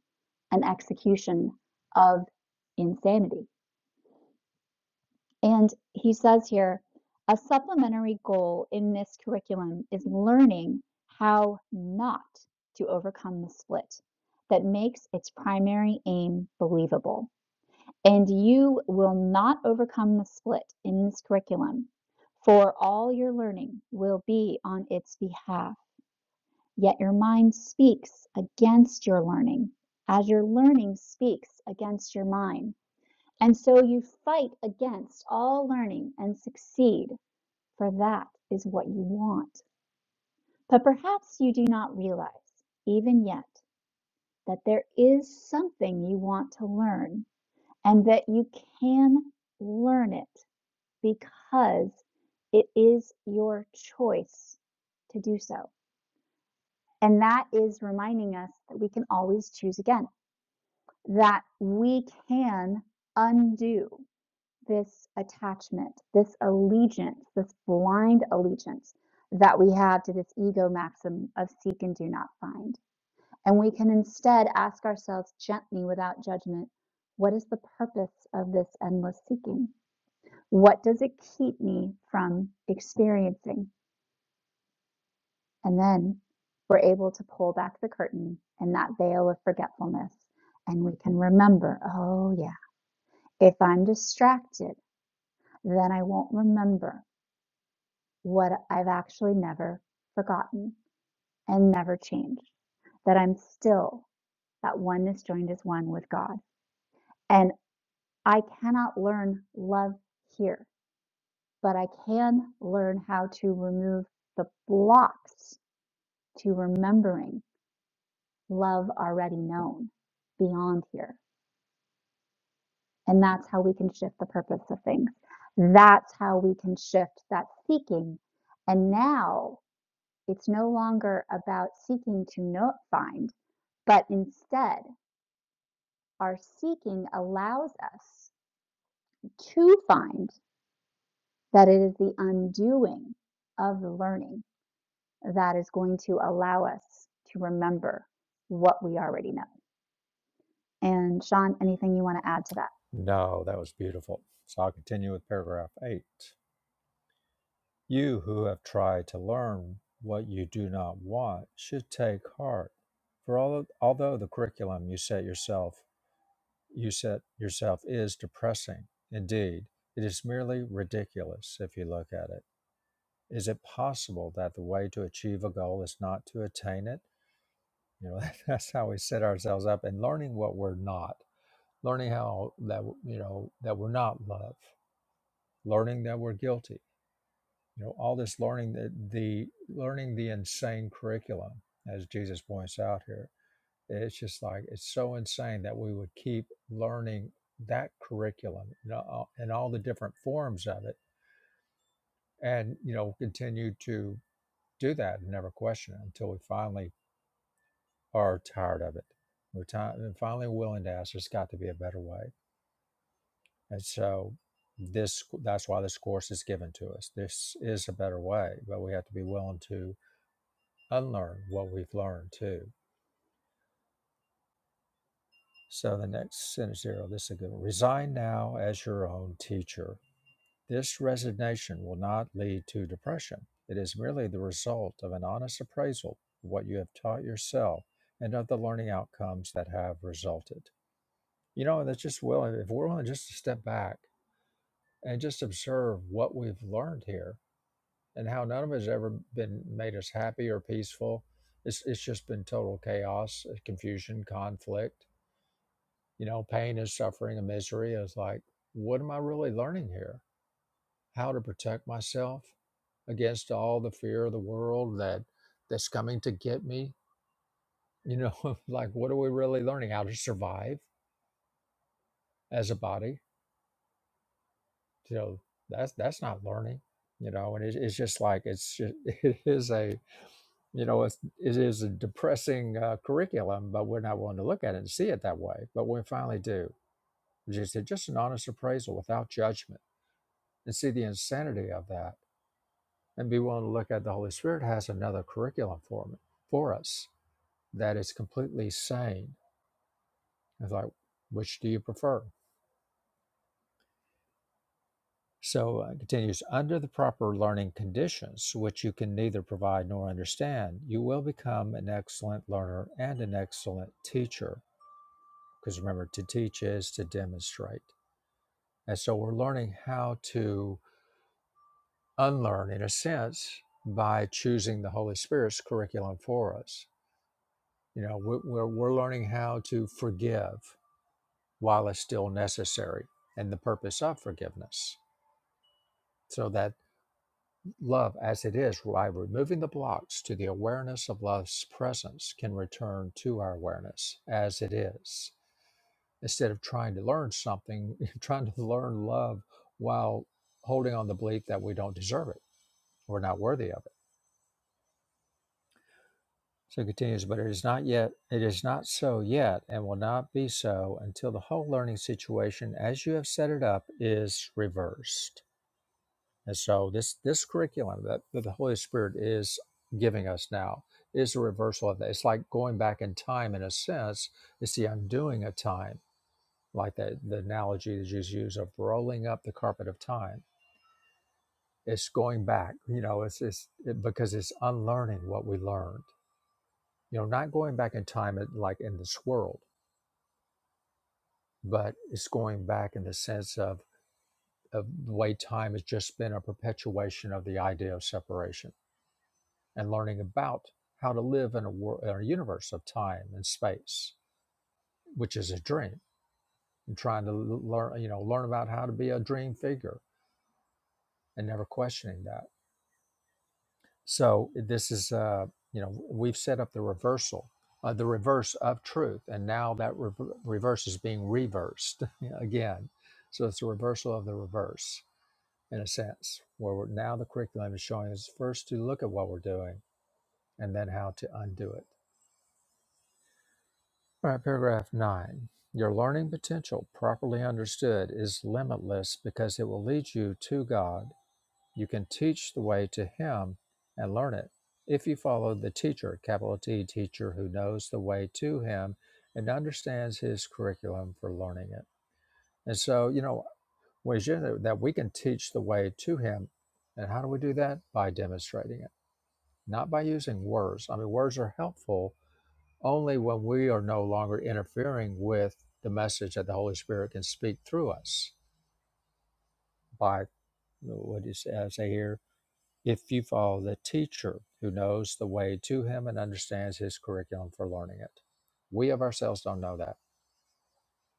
[SPEAKER 2] an execution of insanity. And he says here, a supplementary goal in this curriculum is learning how not to overcome the split that makes its primary aim believable. And you will not overcome the split in this curriculum, for all your learning will be on its behalf. Yet your mind speaks against your learning, as your learning speaks against your mind. And so you fight against all learning and succeed, for that is what you want. But perhaps you do not realize, even yet, that there is something you want to learn and that you can learn it because it is your choice to do so. And that is reminding us that we can always choose again, that we can undo this attachment, this allegiance, this blind allegiance that we have to this ego maxim of seek and do not find. And we can instead ask ourselves gently without judgment what is the purpose of this endless seeking? What does it keep me from experiencing? And then we're able to pull back the curtain and that veil of forgetfulness. And we can remember, oh, yeah, if I'm distracted, then I won't remember what I've actually never forgotten and never changed, that I'm still that oneness joined as one with God. And I cannot learn love here, but I can learn how to remove the blocks to remembering love already known beyond here. And that's how we can shift the purpose of things. That's how we can shift that seeking. And now it's no longer about seeking to know, find but instead our seeking allows us to find that it is the undoing of the learning that is going to allow us to remember what we already know. And Sean, anything you want to add to that?
[SPEAKER 1] No, that was beautiful. So I'll continue with paragraph eight. You who have tried to learn what you do not want should take heart. For all although the curriculum you set yourself you set yourself is depressing. Indeed, it is merely ridiculous if you look at it. Is it possible that the way to achieve a goal is not to attain it? You know, that's how we set ourselves up and learning what we're not, learning how that, you know, that we're not love, learning that we're guilty. You know, all this learning that the learning the insane curriculum, as Jesus points out here It's just like it's so insane that we would keep learning that curriculum and all, and all the different forms of it, and you know continue to do that and never question it until we finally are tired of it. We're ti- and finally willing to ask. There's got to be a better way, and so this that's why this course is given to us. This is a better way, but we have to be willing to unlearn what we've learned too. So the next sentence here, oh, this is a good one. Resign now as your own teacher This resignation will not lead to depression. It is merely the result of an honest appraisal of what you have taught yourself and of the learning outcomes that have resulted. You know, and that's just willing, if we're willing just to step back and just observe what we've learned here and how none of it has ever been made us happy or peaceful. It's, it's just been total chaos, uh, confusion, conflict, you know, pain and suffering and misery. It's like, what am I really learning here? How to protect myself, against all the fear of the world that that's coming to get me you know like what are we really learning how to survive as a body you know that's that's not learning you know and it, it's just like it's ju- it is a you know it's, it is a depressing uh, curriculum but we're not willing to look at it and see it that way but when we finally do just just an honest appraisal without judgment and see the insanity of that and be willing to look at the holy spirit has another curriculum for me for us That is completely sane. It's like, which do you prefer? So uh, it continues under the proper learning conditions, which you can neither provide nor understand, you will become an excellent learner and an excellent teacher. Because remember, to teach is to demonstrate. And so we're learning how to unlearn, in a sense, by choosing the Holy Spirit's curriculum for us. You know, we're we're learning how to forgive while it's still necessary and the purpose of forgiveness So that love, as it is, by removing the blocks to the awareness of love's presence, can return to our awareness as it is, instead of trying to learn something, trying to learn love while holding on the belief that we don't deserve it, we're not worthy of it. So it continues, but it is not yet, it is not so yet, and will not be so until the whole learning situation, as you have set it up, is reversed And so this this curriculum that, that the Holy Spirit is giving us now is a reversal of that. It's like going back in time in a sense. It's the undoing of time, like the, the analogy that Jesus used of rolling up the carpet of time. It's going back, you know, it's, it's it, because it's unlearning what we learned. You know, not going back in time at- like in this world, but it's going back in the sense of, of the way time has just been a perpetuation of the idea of separation and learning about how to live in a, world, in a universe of time and space, which is a dream, and trying to learn, you know, learn about how to be a dream figure and never questioning that. So this is, uh, you know, we've set up the reversal, uh, the reverse of truth, and now that rever reverse is being reversed again. So it's a reversal of the reverse in a sense, where we're, now the curriculum is showing us first to look at what we're doing and then how to undo it. All right, paragraph nine. Your learning potential, properly understood, is limitless because it will lead you to God. You can teach the way to Him and learn it. If you follow the teacher, capital T teacher, who knows the way to Him and understands His curriculum for learning it. And so, you know, we should- that we can teach the way to Him. And how do we do that? By demonstrating it, not by using words. I mean, words are helpful, only when we are no longer interfering with the message that the Holy Spirit can speak through us by what does it say here? If you follow the teacher who knows the way to him and understands his curriculum for learning it. We of ourselves don't know that.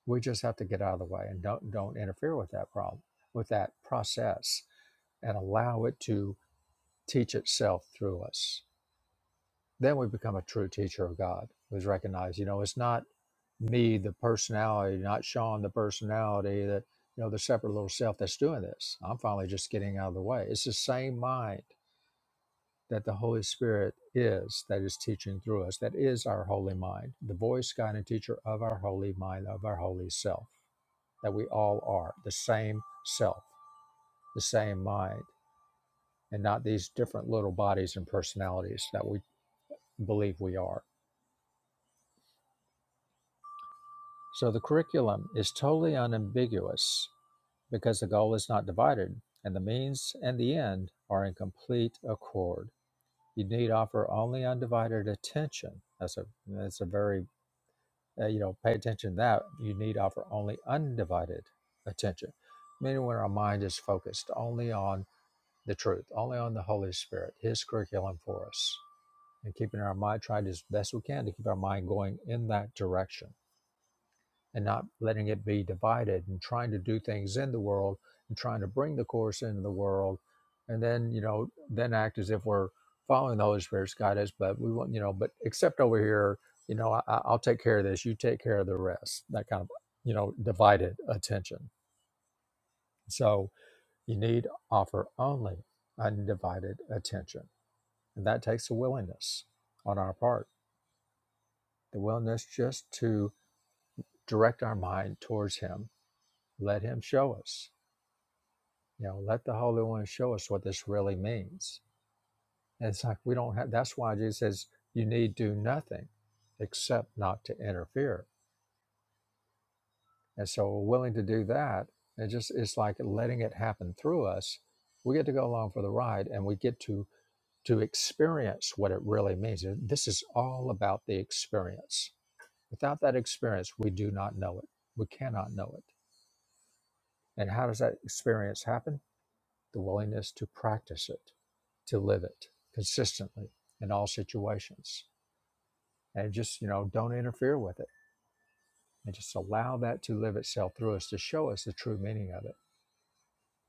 [SPEAKER 1] We just have to get out of the way and don't don't interfere with that problem, with that process, and allow it to teach itself through us. Then we become a true teacher of God, who's recognized, you know, it's not me the personality, not Sean the personality that you know the separate little self that's doing this. I'm finally just getting out of the way. It's the same mind that the Holy Spirit is that is teaching through us. That is our holy mind, the voice, guide, and teacher of our holy mind, of our holy self. That we all are the same self, the same mind, and not these different little bodies and personalities that we believe we are. So the curriculum is totally unambiguous because the goal is not divided and the means and the end are in complete accord. You need offer only undivided attention. That's a that's a very uh, you know pay attention to that. You need offer only undivided attention, meaning when our mind is focused only on the truth, only on the Holy Spirit, His curriculum for us, and keeping our mind trying as best we can to keep our mind going in that direction and not letting it be divided and trying to do things in the world and trying to bring the course into the world and then you know then act as if we're following the holy spirit's guidance but we want you know but except over here you know I, I- i'll take care of this you take care of the rest that kind of you know divided attention so you need offer only undivided attention and that takes a willingness on our part the willingness just to direct our mind towards him let him show us You know, let the Holy One show us what this really means. And it's like we don't have. That's why Jesus says you need do nothing, except not to interfere. And so we're willing to do that. and just it's like letting it happen through us. We get to go along for the ride, and we get to to experience what it really means. This is all about the experience. Without that experience, we do not know it. We cannot know it. And how does that experience happen? the willingness to practice it, to live it consistently in all situations. And just, you know, don't interfere with it and just allow that to live itself through us to show us the true meaning of it.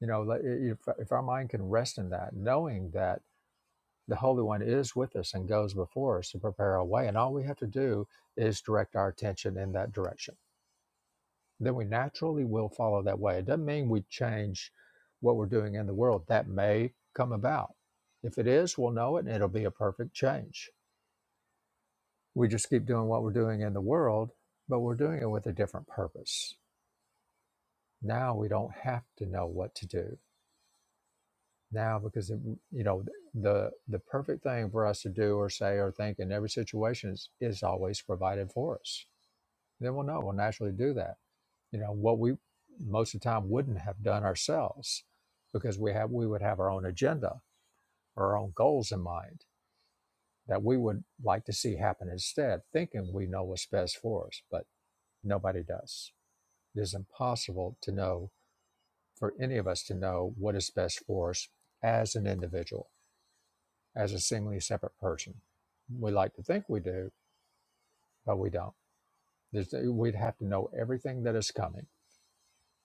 [SPEAKER 1] You know, if, if our mind can rest in that, knowing that the Holy One is with us and goes before us to prepare our way, and all we have to do is direct our attention in that direction then we naturally will follow that way. It doesn't mean we change what we're doing in the world. That may come about. If it is, we'll know it and it'll be a perfect change. We just keep doing what we're doing in the world, but we're doing it with a different purpose. Now we don't have to know what to do. Now because it, you know the the perfect thing for us to do or say or think in every situation is, is always provided for us. Then we'll know. We'll naturally do that you know what we most of the time wouldn't have done ourselves because we have we would have our own agenda or our own goals in mind that we would like to see happen instead thinking we know what's best for us but nobody does it is impossible to know for any of us to know what is best for us as an individual as a seemingly separate person we like to think we do but we don't There's, we'd have to know everything that is coming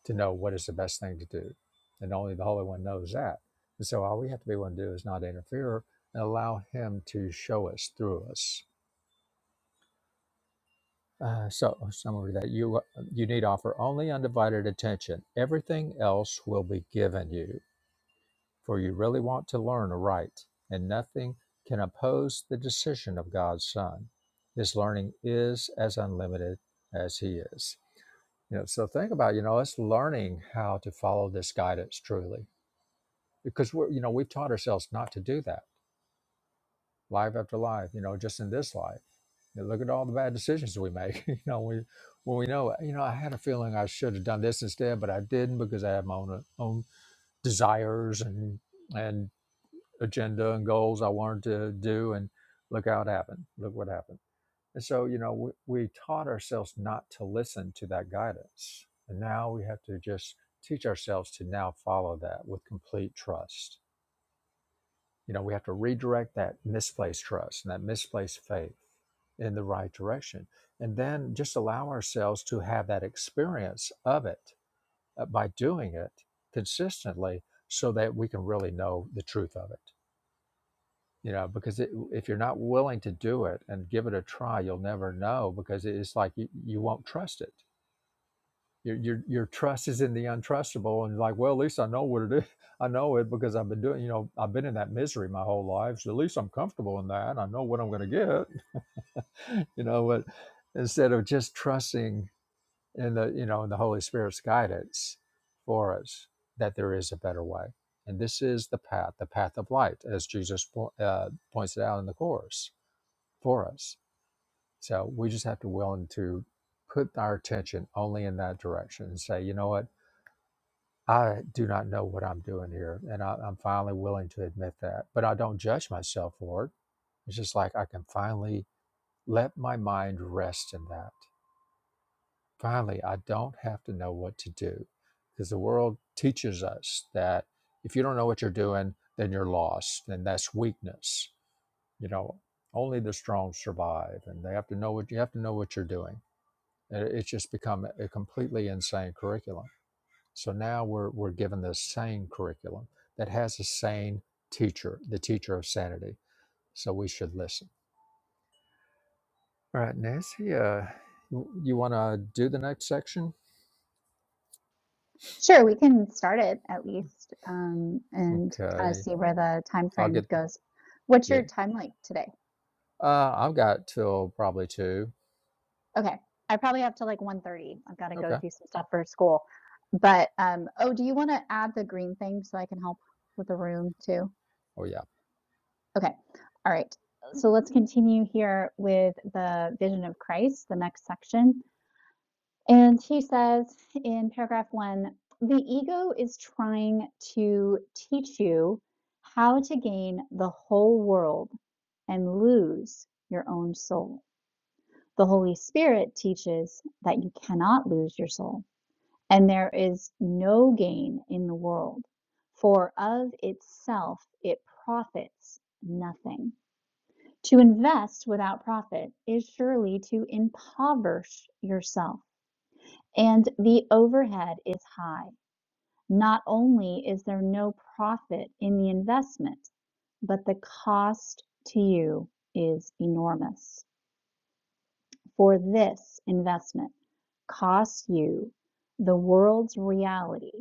[SPEAKER 1] to know what is the best thing to do. And only the Holy One knows that. And so all we have to be willing to do is not interfere and allow Him to show us through us. Uh, so summary that you you need offer only undivided attention. Everything else will be given you, for you really want to learn aright, and nothing can oppose the decision of God's Son. His learning is as unlimited as He is. You know, so think about you know us learning how to follow this guidance truly because we're you know we've taught ourselves not to do that life after life you know just in this life You know, look at all the bad decisions we make you know we when we know you know i had a feeling i should have done this instead but i didn't because i had my own uh, own desires and and agenda and goals i wanted to do and look how it happened look what happened and so you know we, we taught ourselves not to listen to that guidance and now we have to just teach ourselves to now follow that with complete trust You know, we have to redirect that misplaced trust and that misplaced faith in the right direction. And then just allow ourselves to have that experience of it uh, by doing it consistently so that we can really know the truth of it. You know, because it, if you're not willing to do it and give it a try, you'll never know because it's like you, you won't trust it your, your your trust is in the untrustable, and like, well, at least I know what it is. I know it because I've been doing. You know, I've been in that misery my whole life. So at least I'm comfortable in that. I know what I'm going to get. You know, but instead of just trusting in the you know in the Holy Spirit's guidance for us that there is a better way, and this is the path, the path of light, as Jesus po- uh, points it out in the course for us. So we just have to willing to put our attention only in that direction and say, you know what I do not know what I'm doing here. And I, I'm finally willing to admit that. But I don't judge myself for it. It's just like I can finally let my mind rest in that. Finally, I don't have to know what to do because the world teaches us that if you don't know what you're doing, then you're lost and that's weakness. You know, only the strong survive and they have to know what you have to know what you're doing. And It's just become a completely insane curriculum. So now we're, we're given this sane curriculum that has a sane teacher, the teacher of sanity. So we should listen. All right, Nancy, uh, you, you want to do the next section?
[SPEAKER 2] Sure, we can start it at least um, and kind of
[SPEAKER 1] Okay.
[SPEAKER 2] see where the time
[SPEAKER 1] I'll
[SPEAKER 2] frame
[SPEAKER 1] get,
[SPEAKER 2] goes. What's
[SPEAKER 1] yeah.
[SPEAKER 2] your time like today?
[SPEAKER 1] Uh, I've got till probably two.
[SPEAKER 2] Okay. I probably have to like 1:30. I've got to go
[SPEAKER 1] Okay.
[SPEAKER 2] do some stuff for school. But um oh, do you want to add the green thing so I can help with the room too?
[SPEAKER 1] Oh, yeah.
[SPEAKER 2] Okay. All right. So let's continue here with the vision of Christ, the next section. And he says in paragraph 1, the ego is trying to teach you how to gain the whole world and lose your own soul. The Holy Spirit teaches that you cannot lose your soul And there is no gain in the world, for of itself it profits nothing. To invest without profit is surely to impoverish yourself, and the overhead is high. Not only is there no profit in the investment, but the cost to you is enormous for this investment costs you the world's reality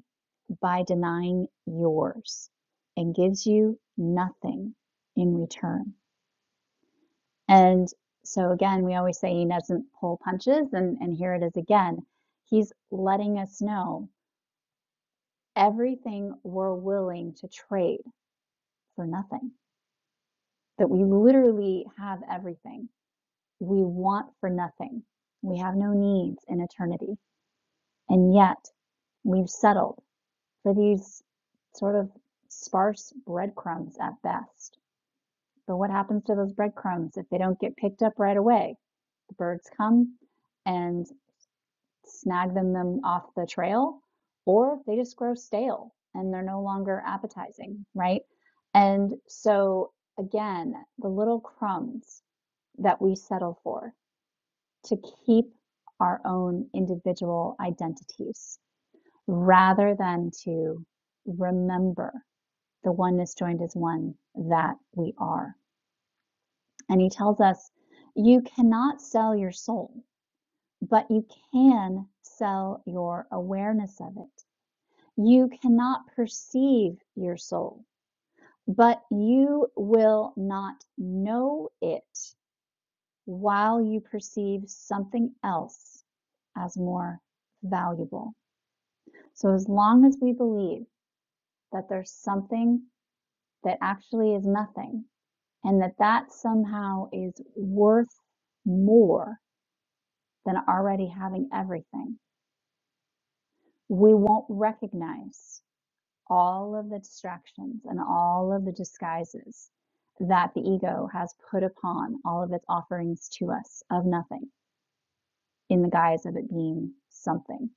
[SPEAKER 2] by denying yours and gives you nothing in return. And so, again, we always say he doesn't pull punches, and, and here it is again. He's letting us know everything we're willing to trade for nothing, that we literally have everything we want for nothing. We have no needs in eternity. And yet, we've settled for these sort of sparse breadcrumbs at best. But what happens to those breadcrumbs if they don't get picked up right away? The birds come and snag them, them off the trail, or they just grow stale and they're no longer appetizing, right? And so, again, the little crumbs that we settle for to keep our own individual identities rather than to remember the oneness joined is one that we are. And he tells us you cannot sell your soul, but you can sell your awareness of it. You cannot perceive your soul, but you will not know it while you perceive something else as more valuable. So, as long as we believe that there's something that actually is nothing, and that that somehow is worth more than already having everything. We won't recognize all of the distractions and all of the disguises that the ego has put upon all of its offerings to us of nothing in the guise of it being something.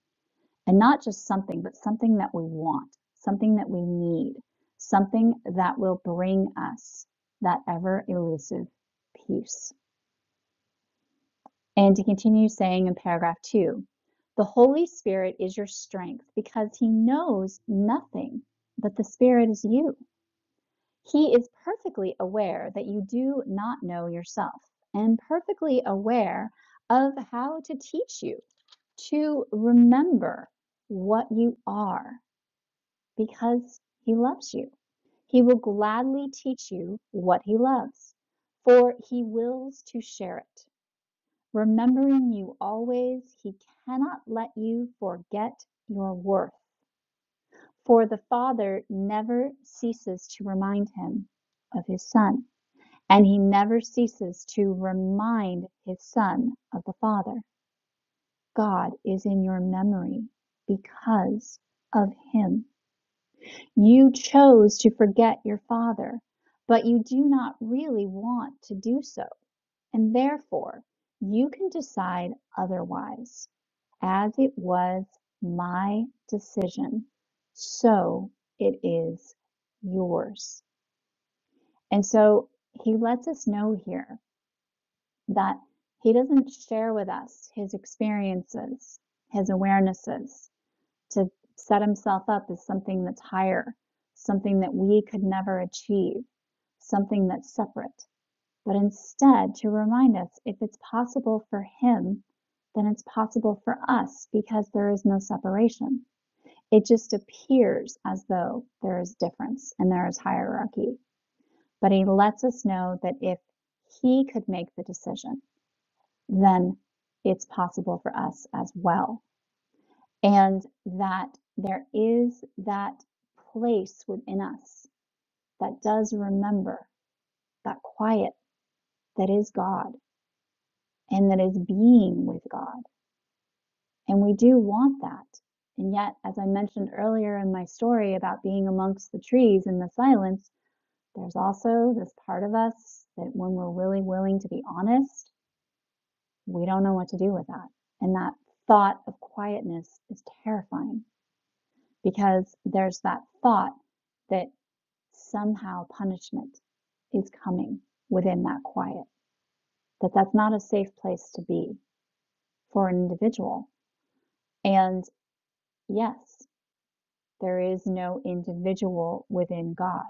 [SPEAKER 2] And not just something, but something that we want, something that we need, something that will bring us that ever elusive peace And he continues saying in paragraph two, the Holy Spirit is your strength because he knows nothing, but the Spirit is you. He is perfectly aware that you do not know yourself and perfectly aware of how to teach you to remember what you are because he loves you. He will gladly teach you what he loves, for he wills to share it. Remembering you always, he cannot let you forget your worth, for the Father never ceases to remind him of his Son, and he never ceases to remind his Son of the Father. God is in your memory because of him. You chose to forget your Father, but you do not really want to do so. and therefore you can decide otherwise, as it was my decision, so it is yours. And so he lets us know here that he doesn't share with us his experiences, his awarenesses to set himself up as something that's higher, something that we could never achieve, something that's separate but instead to remind us if it's possible for him, then it's possible for us because there is no separation. It just appears as though there is difference and there is hierarchy, but he lets us know that if he could make the decision, then it's possible for us as well. And that there is that place within us that does remember that quiet that is God and that is being with God And we do want that. And yet, as I mentioned earlier in my story about being amongst the trees in the silence, there's also this part of us that when we're really willing to be honest, we don't know what to do with that. And that thought of quietness is terrifying because there's that thought that somehow punishment is coming within that quiet, that that's not a safe place to be for an individual. And yes, There is no individual within God.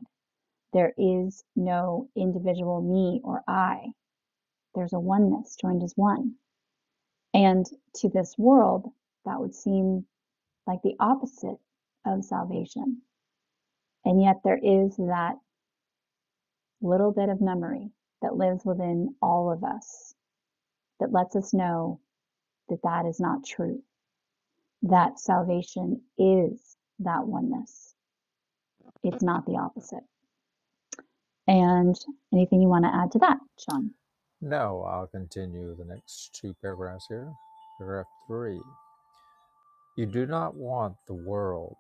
[SPEAKER 2] There is no individual me or I. There's a oneness joined as one. And to this world, that would seem like the opposite of salvation. And yet there is that little bit of memory that lives within all of us that lets us know that that is not true, that salvation is that oneness. It's not the opposite. And anything you want to add to that, Sean?
[SPEAKER 1] No, I'll continue the next two paragraphs here. Paragraph three. You do not want the world.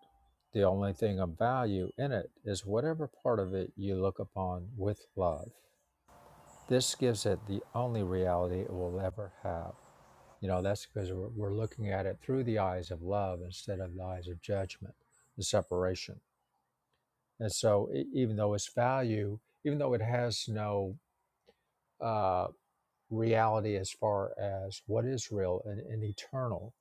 [SPEAKER 1] The only thing of value in it is whatever part of it you look upon with love. This gives it the only reality it will ever have. You know, that's because we're, we're looking at it through the eyes of love instead of the eyes of judgment and separation. And so, e- even though its value, even though it has no uh, reality as far as what is real and, and eternal,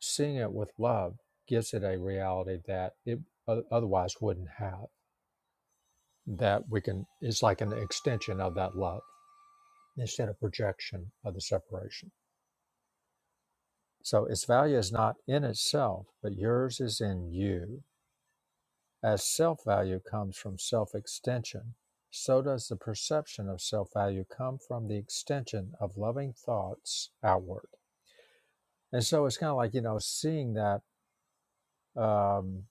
[SPEAKER 1] seeing it with love gives it a reality that it o- otherwise wouldn't have. That we can, it's like an extension of that love instead of projection of the separation. So its value is not in itself, but yours is in you. As self value comes from self extension, so does the perception of self value come from the extension of loving thoughts outward. And so it's kind of like, you know, seeing that um,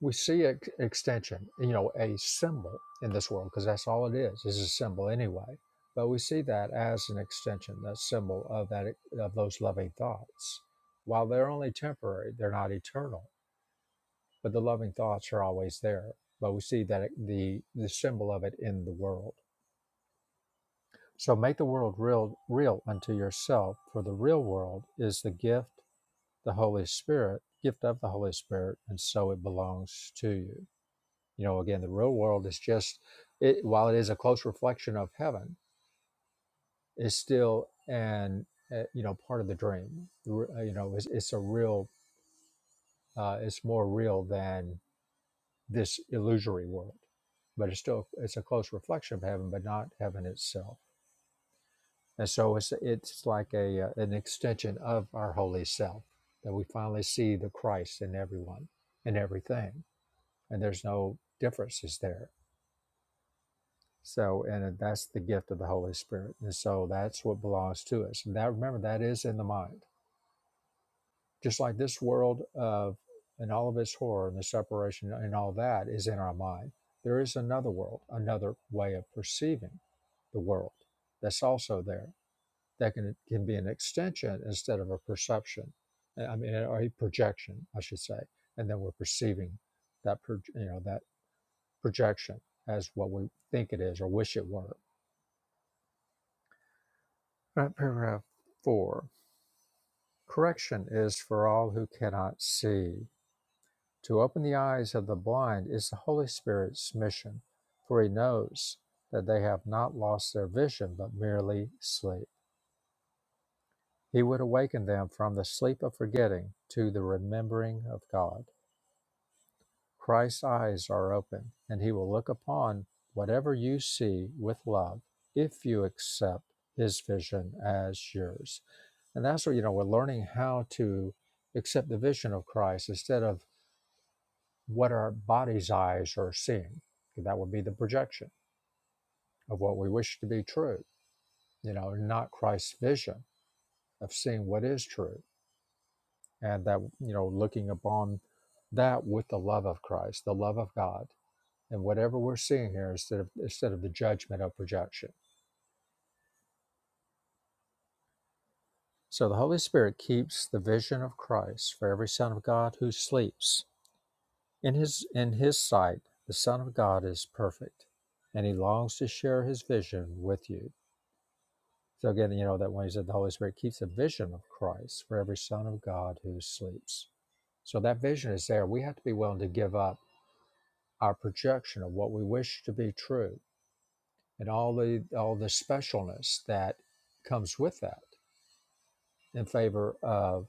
[SPEAKER 1] we see ex- extension, you know, a symbol in this world, because that's all it is, is a symbol anyway. But we see that as an extension, that symbol of that of those loving thoughts. While they're only temporary, they're not eternal but the loving thoughts are always there. But we see that it, the the symbol of it in the world. So make the world real real unto yourself, for the real world is the gift, the Holy Spirit, gift of the Holy Spirit, and so it belongs to you. You know, again, the real world is just it, while it is a close reflection of heaven, it's still an uh, you know part of the dream. uh, You know, it's, it's a real, uh, it's more real than this illusory world. But it's still it's a close reflection of heaven, but not heaven itself. And so it's it's like a uh, an extension of our holy self that we finally see the Christ in everyone and everything, and there's no differences there. So and that's the gift of the Holy Spirit, and so that's what belongs to us. And that remember that is in the mind, just like this world of and all of its horror and the separation and all that is in our mind there is another world, another way of perceiving. the world that's also there that can, can be an extension instead of a perception uh, i mean or a projection i should say and then we're perceiving that pro, you know that projection as what we think it is or wish it were Right, paragraph four correction is for all who cannot see to open the eyes of the blind is the holy spirit's mission for he knows that they have not lost their vision but merely sleep He would awaken them from the sleep of forgetting to the remembering of God. Christ's eyes are open, and he will look upon whatever you see with love if you accept his vision as yours. And that's what, you know, we're learning how to accept the vision of Christ instead of what our body's eyes are seeing. That would be the projection of what we wish to be true, you know, not Christ's vision of seeing what is true and that you know looking upon that with the love of christ the love of god and whatever we're seeing here instead of instead of the judgment of projection so the holy spirit keeps the vision of christ for every son of god who sleeps in his in his sight the son of god is perfect and he longs to share his vision with you so again you know that when he said the holy spirit keeps the vision of christ for every son of god who sleeps so that vision is there we have to be willing to give up our projection of what we wish to be true and all the all the specialness that comes with that in favor of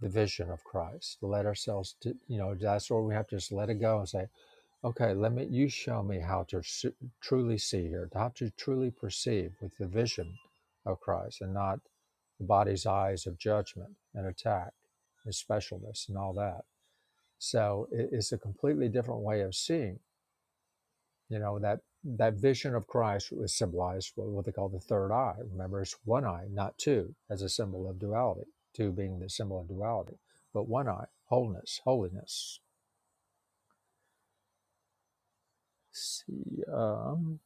[SPEAKER 1] the vision of Christ. To let ourselves, to, you know, that's where we have to just let it go and say, okay, let me. You show me how to su- truly see here, how to truly perceive with the vision of Christ, and not the body's eyes of judgment and attack and specialness and all that. So it, it's a completely different way of seeing You know, that that vision of Christ was symbolized with what they call the third eye. Remember, it's one eye, not two, as a symbol of duality. Two being the symbol of duality, but one eye, wholeness, holiness. See, um,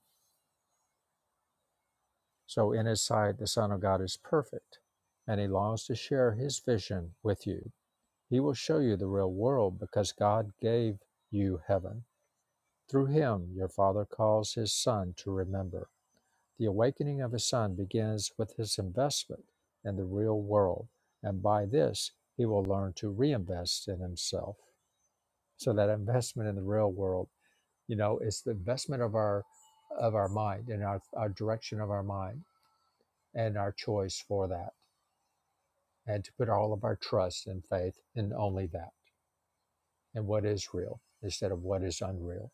[SPEAKER 1] so in his sight, the Son of God is perfect, and he longs to share his vision with you. He will show you the real world because God gave you heaven. Through him, your Father calls his Son to remember. The awakening of his son begins with his investment in the real world, and by this, he will learn to reinvest in himself. So that investment in the real world, you know, is the investment of our of our mind and our, our direction of our mind and our choice for that, and to put all of our trust and faith in only that and what is real instead of what is unreal.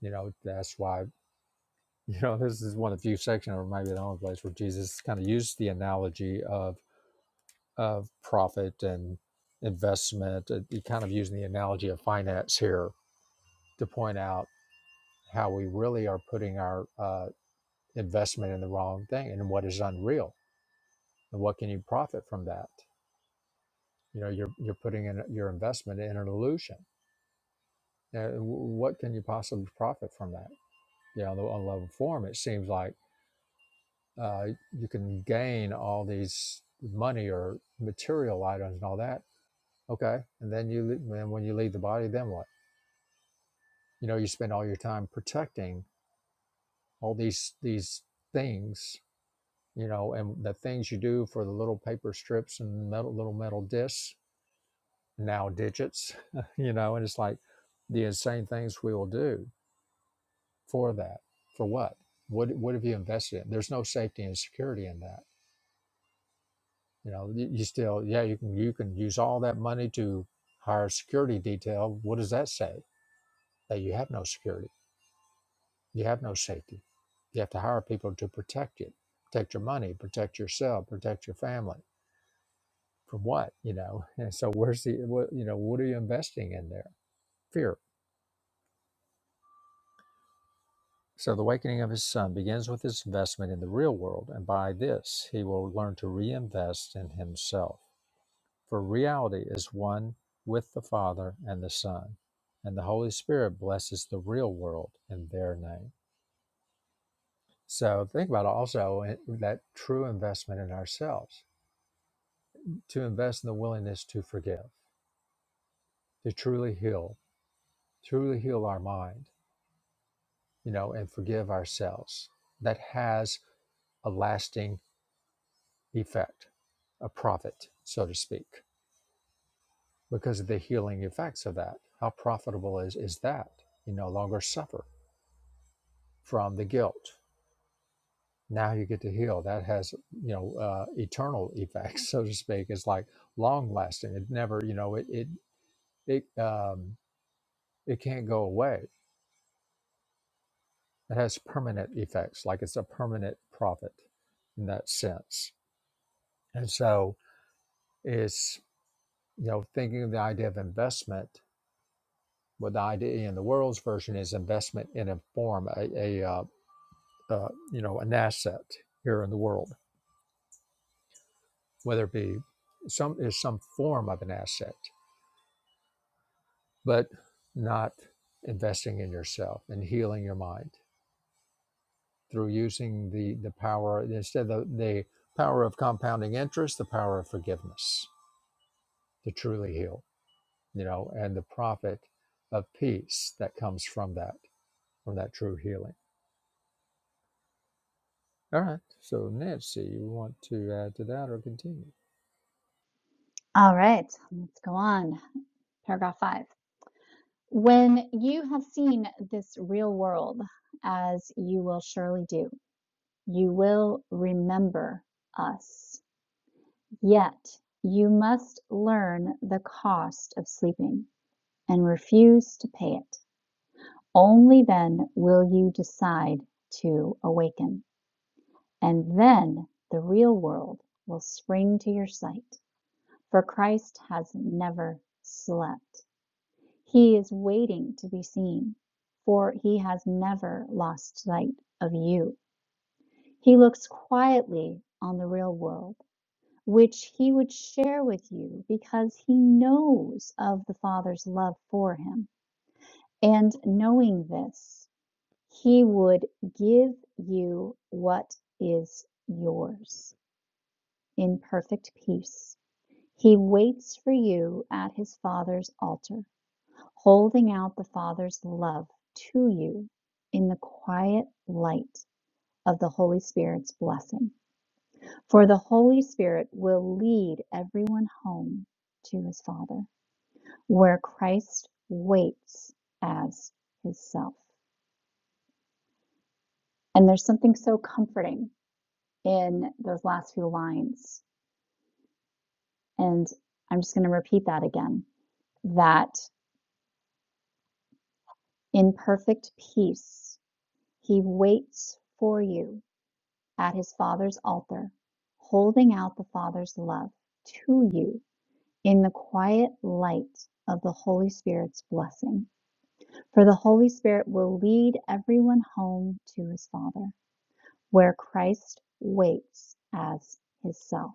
[SPEAKER 1] You know, that's why you know this is one of the few sections, or maybe the only place where Jesus kind of used the analogy of of profit and investment. Uh, You're kind of using the analogy of finance here to point out how we really are putting our uh, investment in the wrong thing and what is unreal and what can you profit from that. You know, you're you're putting in your investment in an illusion. Uh, wh- what can you possibly profit from that? You know, on the- on level form, it seems like uh, you can gain all these money or material items and all that. Okay, and then you le- and when you leave the body, then what? you know you spend all your time protecting all these these things you know and the things you do for the little paper strips and metal, little metal discs now digits you know and it's like the insane things we will do for that for what what what have you invested in there's no safety and security in that you know you, you still yeah you can you can use all that money to hire security detail what does that say that you have no security You have no safety. You have to hire people to protect you, protect your money, protect yourself, protect your family. From what you know? And so, where's the what, you know? What are you investing in there? Fear. So the awakening of his son begins with his investment in the real world, and by this he will learn to reinvest in himself. For reality is one with the Father and the Son, and the Holy Spirit blesses the real world in their name. So think about also eh, that true investment in ourselves to invest in the willingness to forgive, to truly heal, truly heal our mind, you know, and forgive ourselves. That has a lasting effect, a profit, so to speak, because of the healing effects of that. How profitable is, is that? You no longer suffer from the guilt. Now you get to heal. That has, you know, uh, eternal effects, so to speak. It's like long lasting. It never, you know, it, it, it, um, it can't go away It has permanent effects, like it's a permanent profit in that sense. And so it's, you know, thinking of the idea of investment, what the idea in the world's version is investment in a form, a, a uh, uh, you know, an asset here in the world, whether it be some is some form of an asset, but not investing in yourself and healing your mind through using the the power instead of the, the power of compounding interest, the power of forgiveness to truly heal, you know, and the profit of peace that comes from that, from that true healing. All right. So, Nancy, you want to add to that or continue?
[SPEAKER 2] All right, let's go on. Paragraph five. When you have seen this real world, as you will surely do, you will remember us. Yet you must learn the cost of sleeping and refuse to pay it. Only then will you decide to awaken. And then the real world will spring to your sight, for Christ has never slept. He is waiting to be seen, for he has never lost sight of you. He looks quietly on the real world, which he would share with you because he knows of the Father's love for him. And knowing this, he would give you what is yours in perfect peace. He waits for you at his Father's altar holding out the Father's love to you in the quiet light of the Holy Spirit's blessing. For the Holy Spirit will lead everyone home to his Father, where Christ waits as his self. And there's something so comforting in those last few lines. And I'm just going to repeat that again that in perfect peace, he waits for you at his Father's altar, holding out the Father's love to you in the quiet light of the Holy Spirit's blessing. For the Holy Spirit will lead everyone home to his Father, where Christ waits as his self.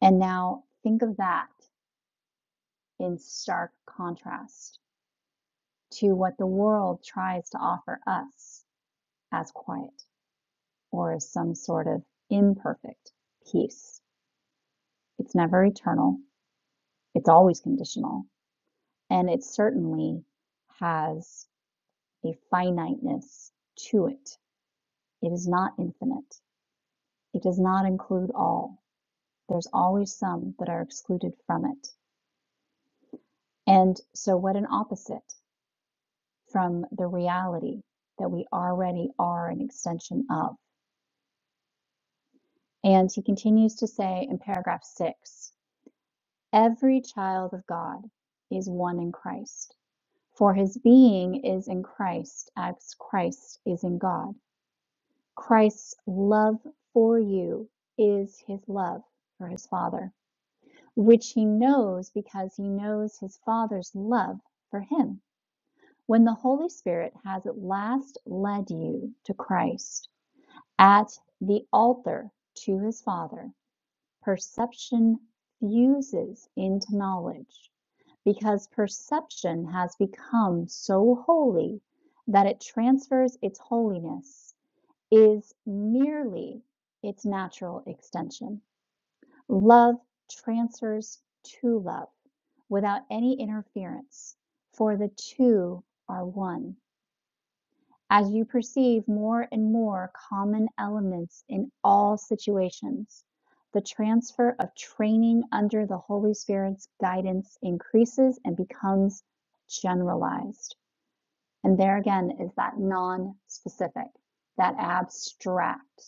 [SPEAKER 2] And now think of that in stark contrast to what the world tries to offer us as quiet or as some sort of imperfect peace. It's never eternal It's always conditional, and it certainly has a finiteness to it. It is not infinite. It does not include all. There's always some that are excluded from it. And so, what an opposite from the reality that we already are an extension of. And he continues to say in paragraph six every child of God is one in Christ, for his being is in Christ as Christ is in God. Christ's love for you is his love for his Father, which he knows because he knows his Father's love for him. When the Holy Spirit has at last led you to Christ at the altar to his Father, perception fuses into knowledge because perception has become so holy that it transfers its holiness is merely its natural extension. Love transfers to love without any interference, for the two are one. As you perceive more and more common elements in all situations, the transfer of training under the Holy Spirit's guidance increases and becomes generalized. And there again is that non specific, that abstract.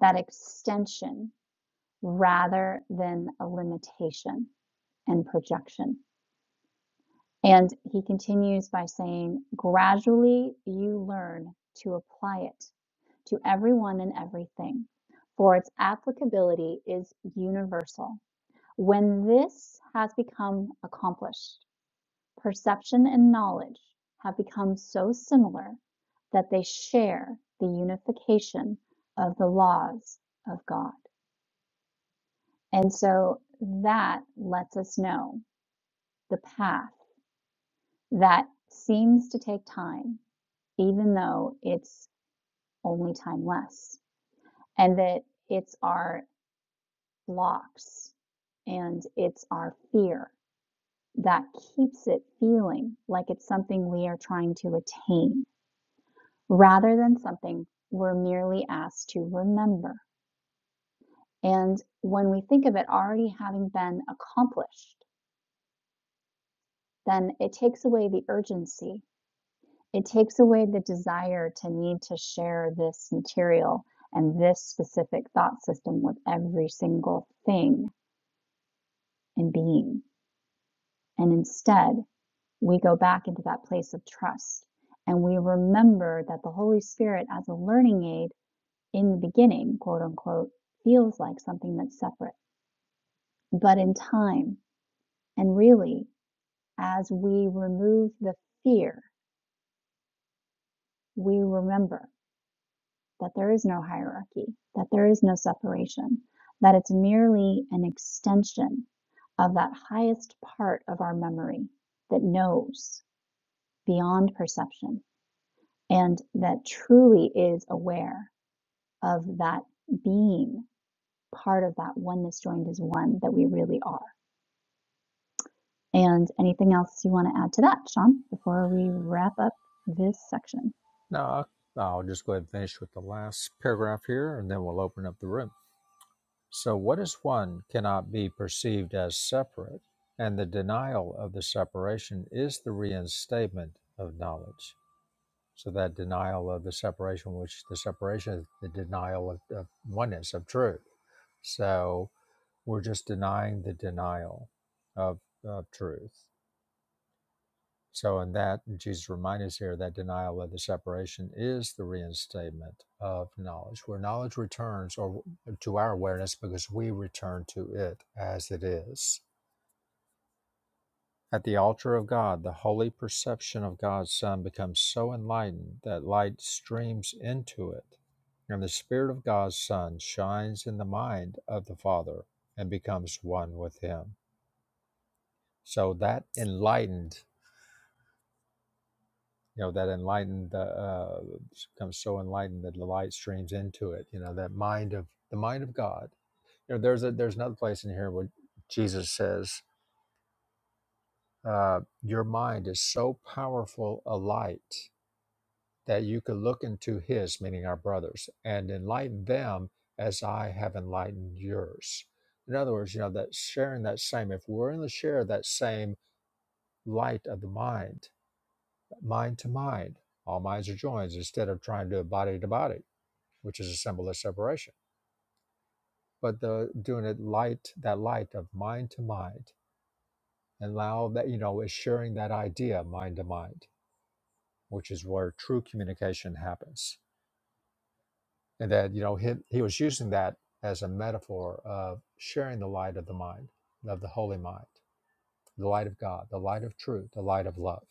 [SPEAKER 2] that extension rather than a limitation and projection. And he continues by saying, gradually you learn to apply it to everyone and everything, for its applicability is universal. When this has become accomplished, perception and knowledge have become so similar that they share the unification of the laws of God. And so that lets us know the path that seems to take time, even though it's only time less, and that it's our blocks and it's our fear that keeps it feeling like it's something we are trying to attain rather than something we're merely asked to remember. And when we think of it already having been accomplished, then it takes away the urgency It takes away the desire to need to share this material and this specific thought system with every single thing and being. And instead, we go back into that place of trust and we remember that the Holy Spirit, as a learning aid in the beginning, quote unquote, feels like something that's separate. But in time, and really, as we remove the fear, we remember that there is no hierarchy, that there is no separation, that it's merely an extension of that highest part of our memory that knows beyond perception and that truly is aware of that being part of that oneness joined as one that we really are. And anything else you want to add to that, Sean, before we wrap up this section?
[SPEAKER 1] No, I- I'll just go ahead and finish with the last paragraph here and then we'll open up the room. So, what is one cannot be perceived as separate, and the denial of the separation is the reinstatement of knowledge. So, that denial of the separation, which the separation is the denial of, of oneness, of truth. So, We're just denying the denial of, of truth. So, in that, Jesus reminds us here that denial of the separation is the reinstatement of knowledge, where knowledge returns or to our awareness because we return to it as it is. At the altar of God, the holy perception of God's Son becomes so enlightened that light streams into it, and the Spirit of God's Son shines in the mind of the Father and becomes one with Him. So that enlightened, you know, that enlightened uh, uh, becomes so enlightened that the light streams into it. You know, that mind of the mind of God. You know, there's a there's another place in here where Jesus says, uh, "Your mind is so powerful a light that you could look into His, meaning our brothers, and enlighten them as I have enlightened yours." In other words, you know, that sharing that same. If we're in the share that same light of the mind mind to mind. All minds are joined instead of trying to do it body to body, which is a symbol of separation. But the doing it light, that light of mind to mind, and allow that, you know, is sharing that idea mind to mind, which is where true communication happens. And that, you know, he, he was using that as a metaphor of sharing the light of the mind, of the holy mind, the light of God, the light of truth, the light of love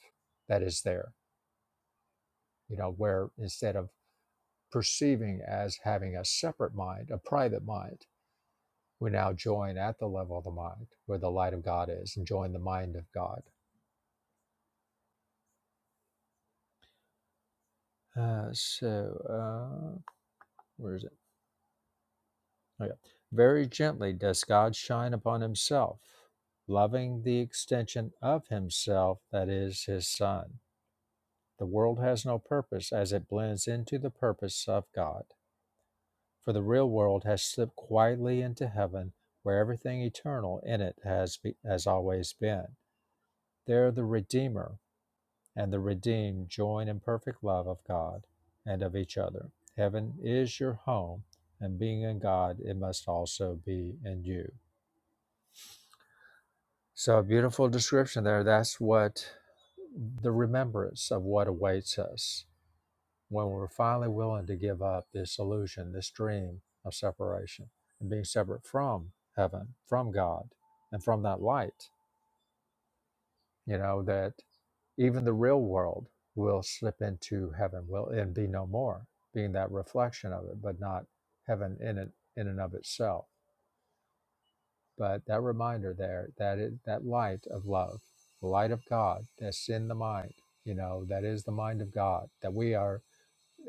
[SPEAKER 1] that is there, you know, where instead of perceiving as having a separate mind, a private mind. We now join at the level of the mind where the light of God is and join the mind of God. Uh, so, uh, where is it? Okay. Very gently does God shine upon himself, loving the extension of himself that is his Son. The world has no purpose as it blends into the purpose of God. For the real world has slipped quietly into heaven, where everything eternal in it has, be, has always been There the Redeemer and the redeemed join in perfect love of God and of each other. Heaven is your home, and being in God, it must also be in you. So, a beautiful description there. That's what the remembrance of what awaits us when we're finally willing to give up this illusion, this dream of separation and being separate from heaven, from God, and from that light. you know that even the real world will slip into heaven will and be no more being that reflection of it but not heaven in it in and of itself but that reminder there that it that light of love the light of god that's in the mind you know that is the mind of god that we are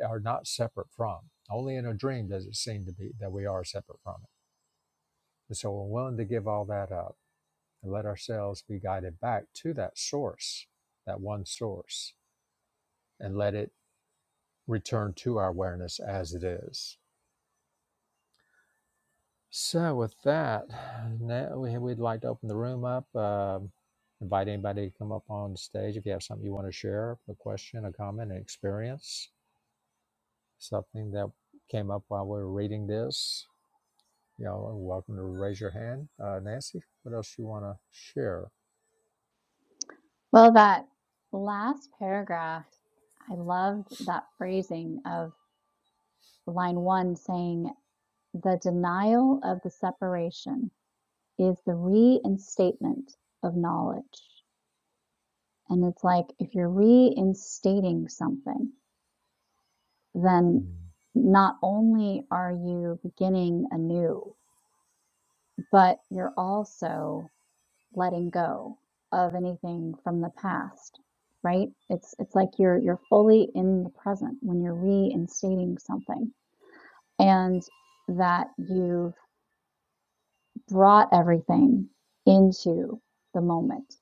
[SPEAKER 1] are not separate from only in a dream does it seem to be that we are separate from it and so we're willing to give all that up and let ourselves be guided back to that source that one source and let it return to our awareness as it is. So, with that, now we, we'd like to open the room up. Um invite anybody to come up on stage if you have something you want to share a question, a comment, an experience, something that came up while we were reading this. You know, welcome to raise your hand. Uh, Nancy, what else you want to share?
[SPEAKER 2] Well, that last paragraph, I love that phrasing of. line one saying, the denial of the separation is the reinstatement of knowledge. And it's like if you're reinstating something, then
[SPEAKER 1] Mm-hmm.
[SPEAKER 2] not only are you beginning anew, but you're also letting go of anything from the past, right? It's it's like you're you're fully in the present when you're reinstating something. And that you've brought everything into the moment.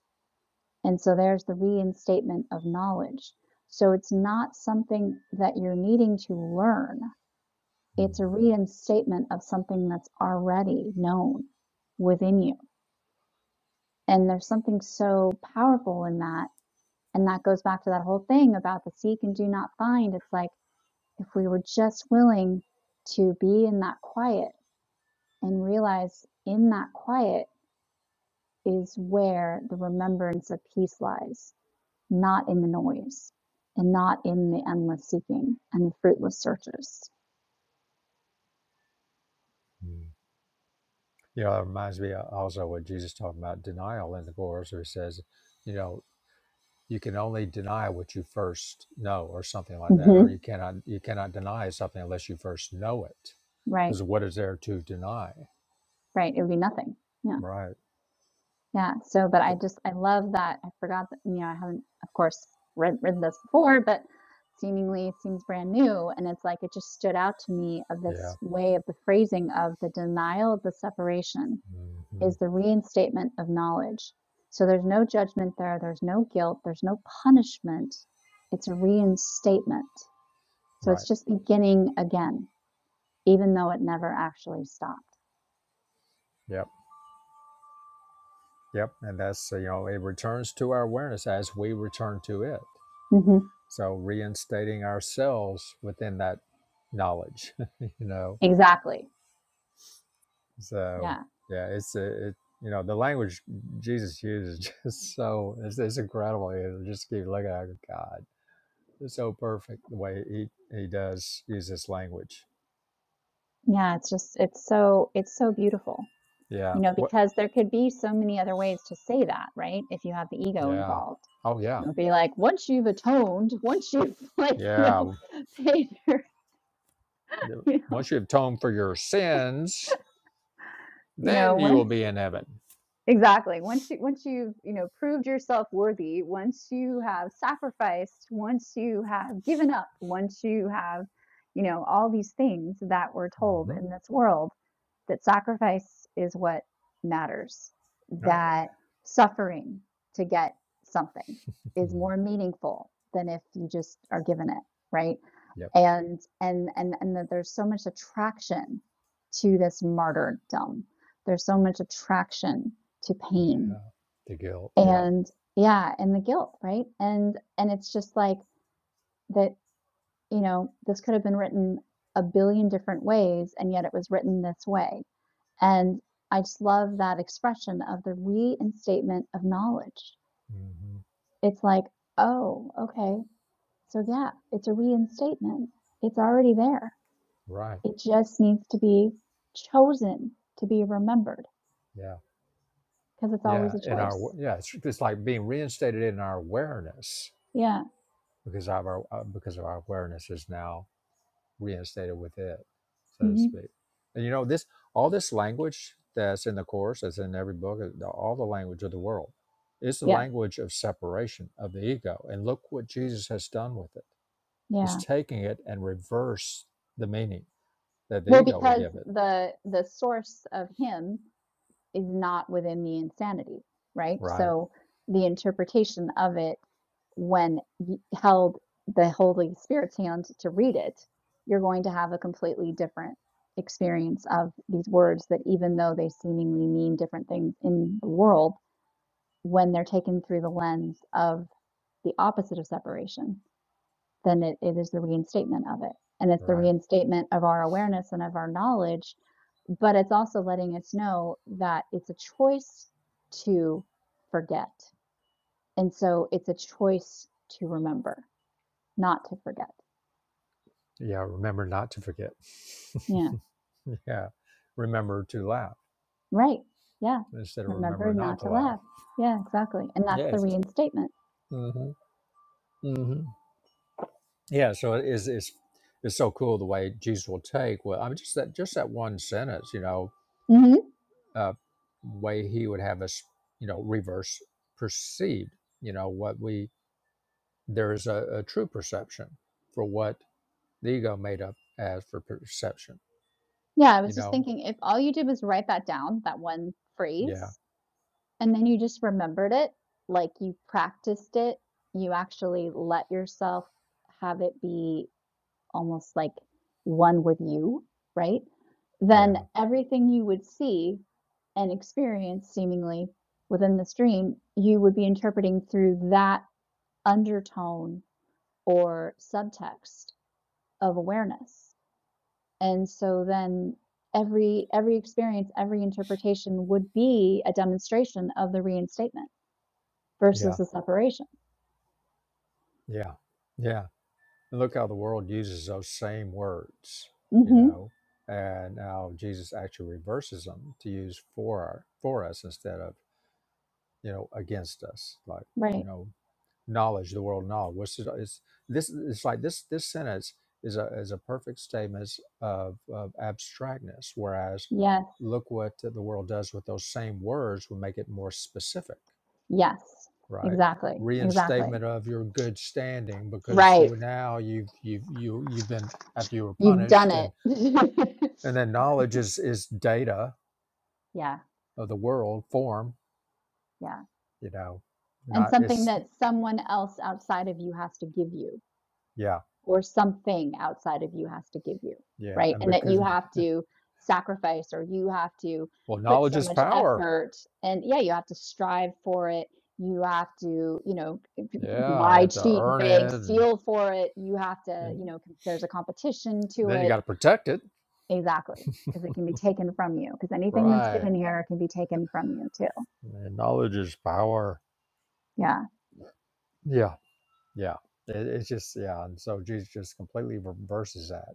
[SPEAKER 2] And so there's the reinstatement of knowledge. So it's not something that you're needing to learn, it's a reinstatement of something that's already known within you. And there's something so powerful in that. And that goes back to that whole thing about the seek and do not find. It's like if we were just willing to be in that quiet and realize in that quiet, is where the remembrance of peace lies, not in the noise and not in the endless seeking and the fruitless searches.
[SPEAKER 1] You know, it reminds me also what Jesus talking about denial in the Course, where he says, you know, you can only deny what you first know or something like that
[SPEAKER 2] hmm
[SPEAKER 1] or you cannot you cannot deny something unless you first know it
[SPEAKER 2] Right,
[SPEAKER 1] because what is there to deny
[SPEAKER 2] right. It would be nothing. Yeah,
[SPEAKER 1] right
[SPEAKER 2] yeah. So, but I
[SPEAKER 1] Th-
[SPEAKER 2] just, I love that. I forgot that, you know, I haven't, of course, read, read this before, but seemingly it seems brand new. And it's like, it just stood out to me of
[SPEAKER 1] yeah
[SPEAKER 2] this way of the phrasing of the denial of the separation
[SPEAKER 1] hmm
[SPEAKER 2] is the reinstatement of knowledge. So there's no judgment there, there's no guilt, there's no punishment. It's a reinstatement. So
[SPEAKER 1] right
[SPEAKER 2] it's just beginning again, even though it never actually stopped.
[SPEAKER 1] yep yep and that's uh, you know it returns to our awareness as we return to it
[SPEAKER 2] hmm
[SPEAKER 1] so reinstating ourselves within that knowledge you know
[SPEAKER 2] Exactly.
[SPEAKER 1] so
[SPEAKER 2] Yeah.
[SPEAKER 1] yeah it's a it, you know the language jesus uses is just so it's, it's incredible you just keep looking at it, god so perfect the way he he does use his language.
[SPEAKER 2] Yeah. It's just, it's so, it's so beautiful,
[SPEAKER 1] Yeah.
[SPEAKER 2] you know,
[SPEAKER 1] What?
[SPEAKER 2] because there could be so many other ways to say that, right? If you have the ego
[SPEAKER 1] Yeah.
[SPEAKER 2] involved,
[SPEAKER 1] Oh yeah.
[SPEAKER 2] it would be like, once you've atoned, once you've, like, you
[SPEAKER 1] Yeah.
[SPEAKER 2] know, paid your, you know,
[SPEAKER 1] Once you have atoned for your sins,
[SPEAKER 2] you know,
[SPEAKER 1] then you will
[SPEAKER 2] once
[SPEAKER 1] be in heaven.
[SPEAKER 2] Exactly. Once you once you've, you know, proved yourself worthy, once you have sacrificed, once you have given up, once you have, you know, all these things that we're told
[SPEAKER 1] hmm
[SPEAKER 2] in this world, that sacrifice is what matters,
[SPEAKER 1] Right.
[SPEAKER 2] that suffering to get something is
[SPEAKER 1] Mhm.
[SPEAKER 2] more meaningful than if you just are given it, right?
[SPEAKER 1] Yep.
[SPEAKER 2] And and and and that there's so much attraction to this martyrdom. There's so much attraction to
[SPEAKER 1] Yeah.
[SPEAKER 2] pain.
[SPEAKER 1] The guilt. Yep.
[SPEAKER 2] And yeah, and the guilt, right? And and it's just like that, you know, this could have been written a billion different ways and yet it was written this way and I just love that expression of the reinstatement of knowledge.
[SPEAKER 1] hmm
[SPEAKER 2] It's like, oh, okay. So yeah, it's a reinstatement. It's already there.
[SPEAKER 1] Right.
[SPEAKER 2] It just needs to be chosen to be remembered
[SPEAKER 1] Yeah.
[SPEAKER 2] because it's always
[SPEAKER 1] Yeah.
[SPEAKER 2] a
[SPEAKER 1] In our
[SPEAKER 2] choice.
[SPEAKER 1] yeah, it's it's like being reinstated in our awareness
[SPEAKER 2] Yeah.
[SPEAKER 1] because of our uh, because of our awareness is now reinstated with it, so to
[SPEAKER 2] hmm
[SPEAKER 1] speak. And you know, this all this language that's in the course, that's in every book, uh, all the language of the world, is the
[SPEAKER 2] Yeah.
[SPEAKER 1] language of separation of the ego. And look what Jesus has done with it. It's
[SPEAKER 2] Yeah.
[SPEAKER 1] taking it and reverse the meaning that the
[SPEAKER 2] Well,
[SPEAKER 1] ego would
[SPEAKER 2] because
[SPEAKER 1] give it.
[SPEAKER 2] the the source of him is not within the insanity, right?
[SPEAKER 1] Right,
[SPEAKER 2] So the interpretation of it when y- held the Holy Spirit's hand to read it, you're going to have a completely different experience of these words that even though they seemingly mean different things in the world, when they're taken through the lens of the opposite of separation, then it, it is the reinstatement of it. And it's the
[SPEAKER 1] right.
[SPEAKER 2] reinstatement of our awareness and of our knowledge, but it's also letting us know that it's a choice to forget. And so it's a choice to remember, not to forget.
[SPEAKER 1] Yeah, remember not to forget.
[SPEAKER 2] Yeah,
[SPEAKER 1] yeah, remember to laugh
[SPEAKER 2] right. Yeah.
[SPEAKER 1] instead of remember
[SPEAKER 2] Remember
[SPEAKER 1] not
[SPEAKER 2] not
[SPEAKER 1] to
[SPEAKER 2] to
[SPEAKER 1] laugh.
[SPEAKER 2] laugh. Yeah, exactly. And that's the
[SPEAKER 1] Yes.
[SPEAKER 2] reinstatement.
[SPEAKER 1] Mm-hmm. Mm-hmm. Yeah, so it is it's it's so cool the way Jesus will take well I mean just that just that one sentence, you know,
[SPEAKER 2] hmm
[SPEAKER 1] uh way he would have us, you know, reverse perceived, you know, what we there is a, a true perception for what the ego made up as for perception,
[SPEAKER 2] Yeah, I
[SPEAKER 1] you
[SPEAKER 2] was just
[SPEAKER 1] know?
[SPEAKER 2] thinking if all you did was write that down, that one
[SPEAKER 1] Yeah,
[SPEAKER 2] phrase, And then you just remembered it, like, you practiced it, you actually let yourself have it be almost like one with you, right? Then
[SPEAKER 1] yeah,
[SPEAKER 2] everything you would see and experience seemingly within this dream, you would be interpreting through that undertone or subtext of awareness. And so then every every experience, every interpretation would be a demonstration of the reinstatement versus
[SPEAKER 1] yeah,
[SPEAKER 2] the separation.
[SPEAKER 1] yeah, yeah. And look how the world uses those same words, you
[SPEAKER 2] hmm
[SPEAKER 1] know, and how Jesus actually reverses them to use for our, for us instead of you know, against us. Like, you
[SPEAKER 2] Right.
[SPEAKER 1] know, knowledge, the world knowledge. What's it, it's this? It's like this. This sentence is a is a perfect statement of, of abstractness. Whereas,
[SPEAKER 2] Yes.
[SPEAKER 1] look what the world does with those same words will make it more specific,
[SPEAKER 2] Yes.
[SPEAKER 1] right?
[SPEAKER 2] Exactly. Exactly.
[SPEAKER 1] Reinstatement of your good standing because
[SPEAKER 2] Right.
[SPEAKER 1] you- now you've you've you you've been after you were
[SPEAKER 2] You've done
[SPEAKER 1] punished
[SPEAKER 2] it.
[SPEAKER 1] and and then knowledge is is data
[SPEAKER 2] yeah.
[SPEAKER 1] of the world form
[SPEAKER 2] Yeah.
[SPEAKER 1] you know
[SPEAKER 2] And
[SPEAKER 1] not
[SPEAKER 2] something
[SPEAKER 1] it's
[SPEAKER 2] that someone else outside of you has to give you.
[SPEAKER 1] yeah
[SPEAKER 2] or something outside of you has to give you,
[SPEAKER 1] yeah
[SPEAKER 2] right?
[SPEAKER 1] and
[SPEAKER 2] And that
[SPEAKER 1] because
[SPEAKER 2] you have to sacrifice or you have to
[SPEAKER 1] Well,
[SPEAKER 2] put
[SPEAKER 1] knowledge
[SPEAKER 2] so
[SPEAKER 1] is
[SPEAKER 2] much
[SPEAKER 1] power.
[SPEAKER 2] effort and yeah, you have to strive for it. You have to, you know,
[SPEAKER 1] Yeah, you
[SPEAKER 2] lie,
[SPEAKER 1] have to
[SPEAKER 2] cheat,
[SPEAKER 1] earn
[SPEAKER 2] beg,
[SPEAKER 1] it, and,
[SPEAKER 2] steal for it. You have to,
[SPEAKER 1] and
[SPEAKER 2] you know, com- there's a competition to
[SPEAKER 1] then you
[SPEAKER 2] it.
[SPEAKER 1] got to protect it,
[SPEAKER 2] Exactly. Because it can be taken from you. Because anything that's
[SPEAKER 1] right?
[SPEAKER 2] given here can be taken from you too.
[SPEAKER 1] And knowledge is power.
[SPEAKER 2] Yeah.
[SPEAKER 1] Yeah, yeah. It, it's just yeah, and so Jesus just completely reverses that.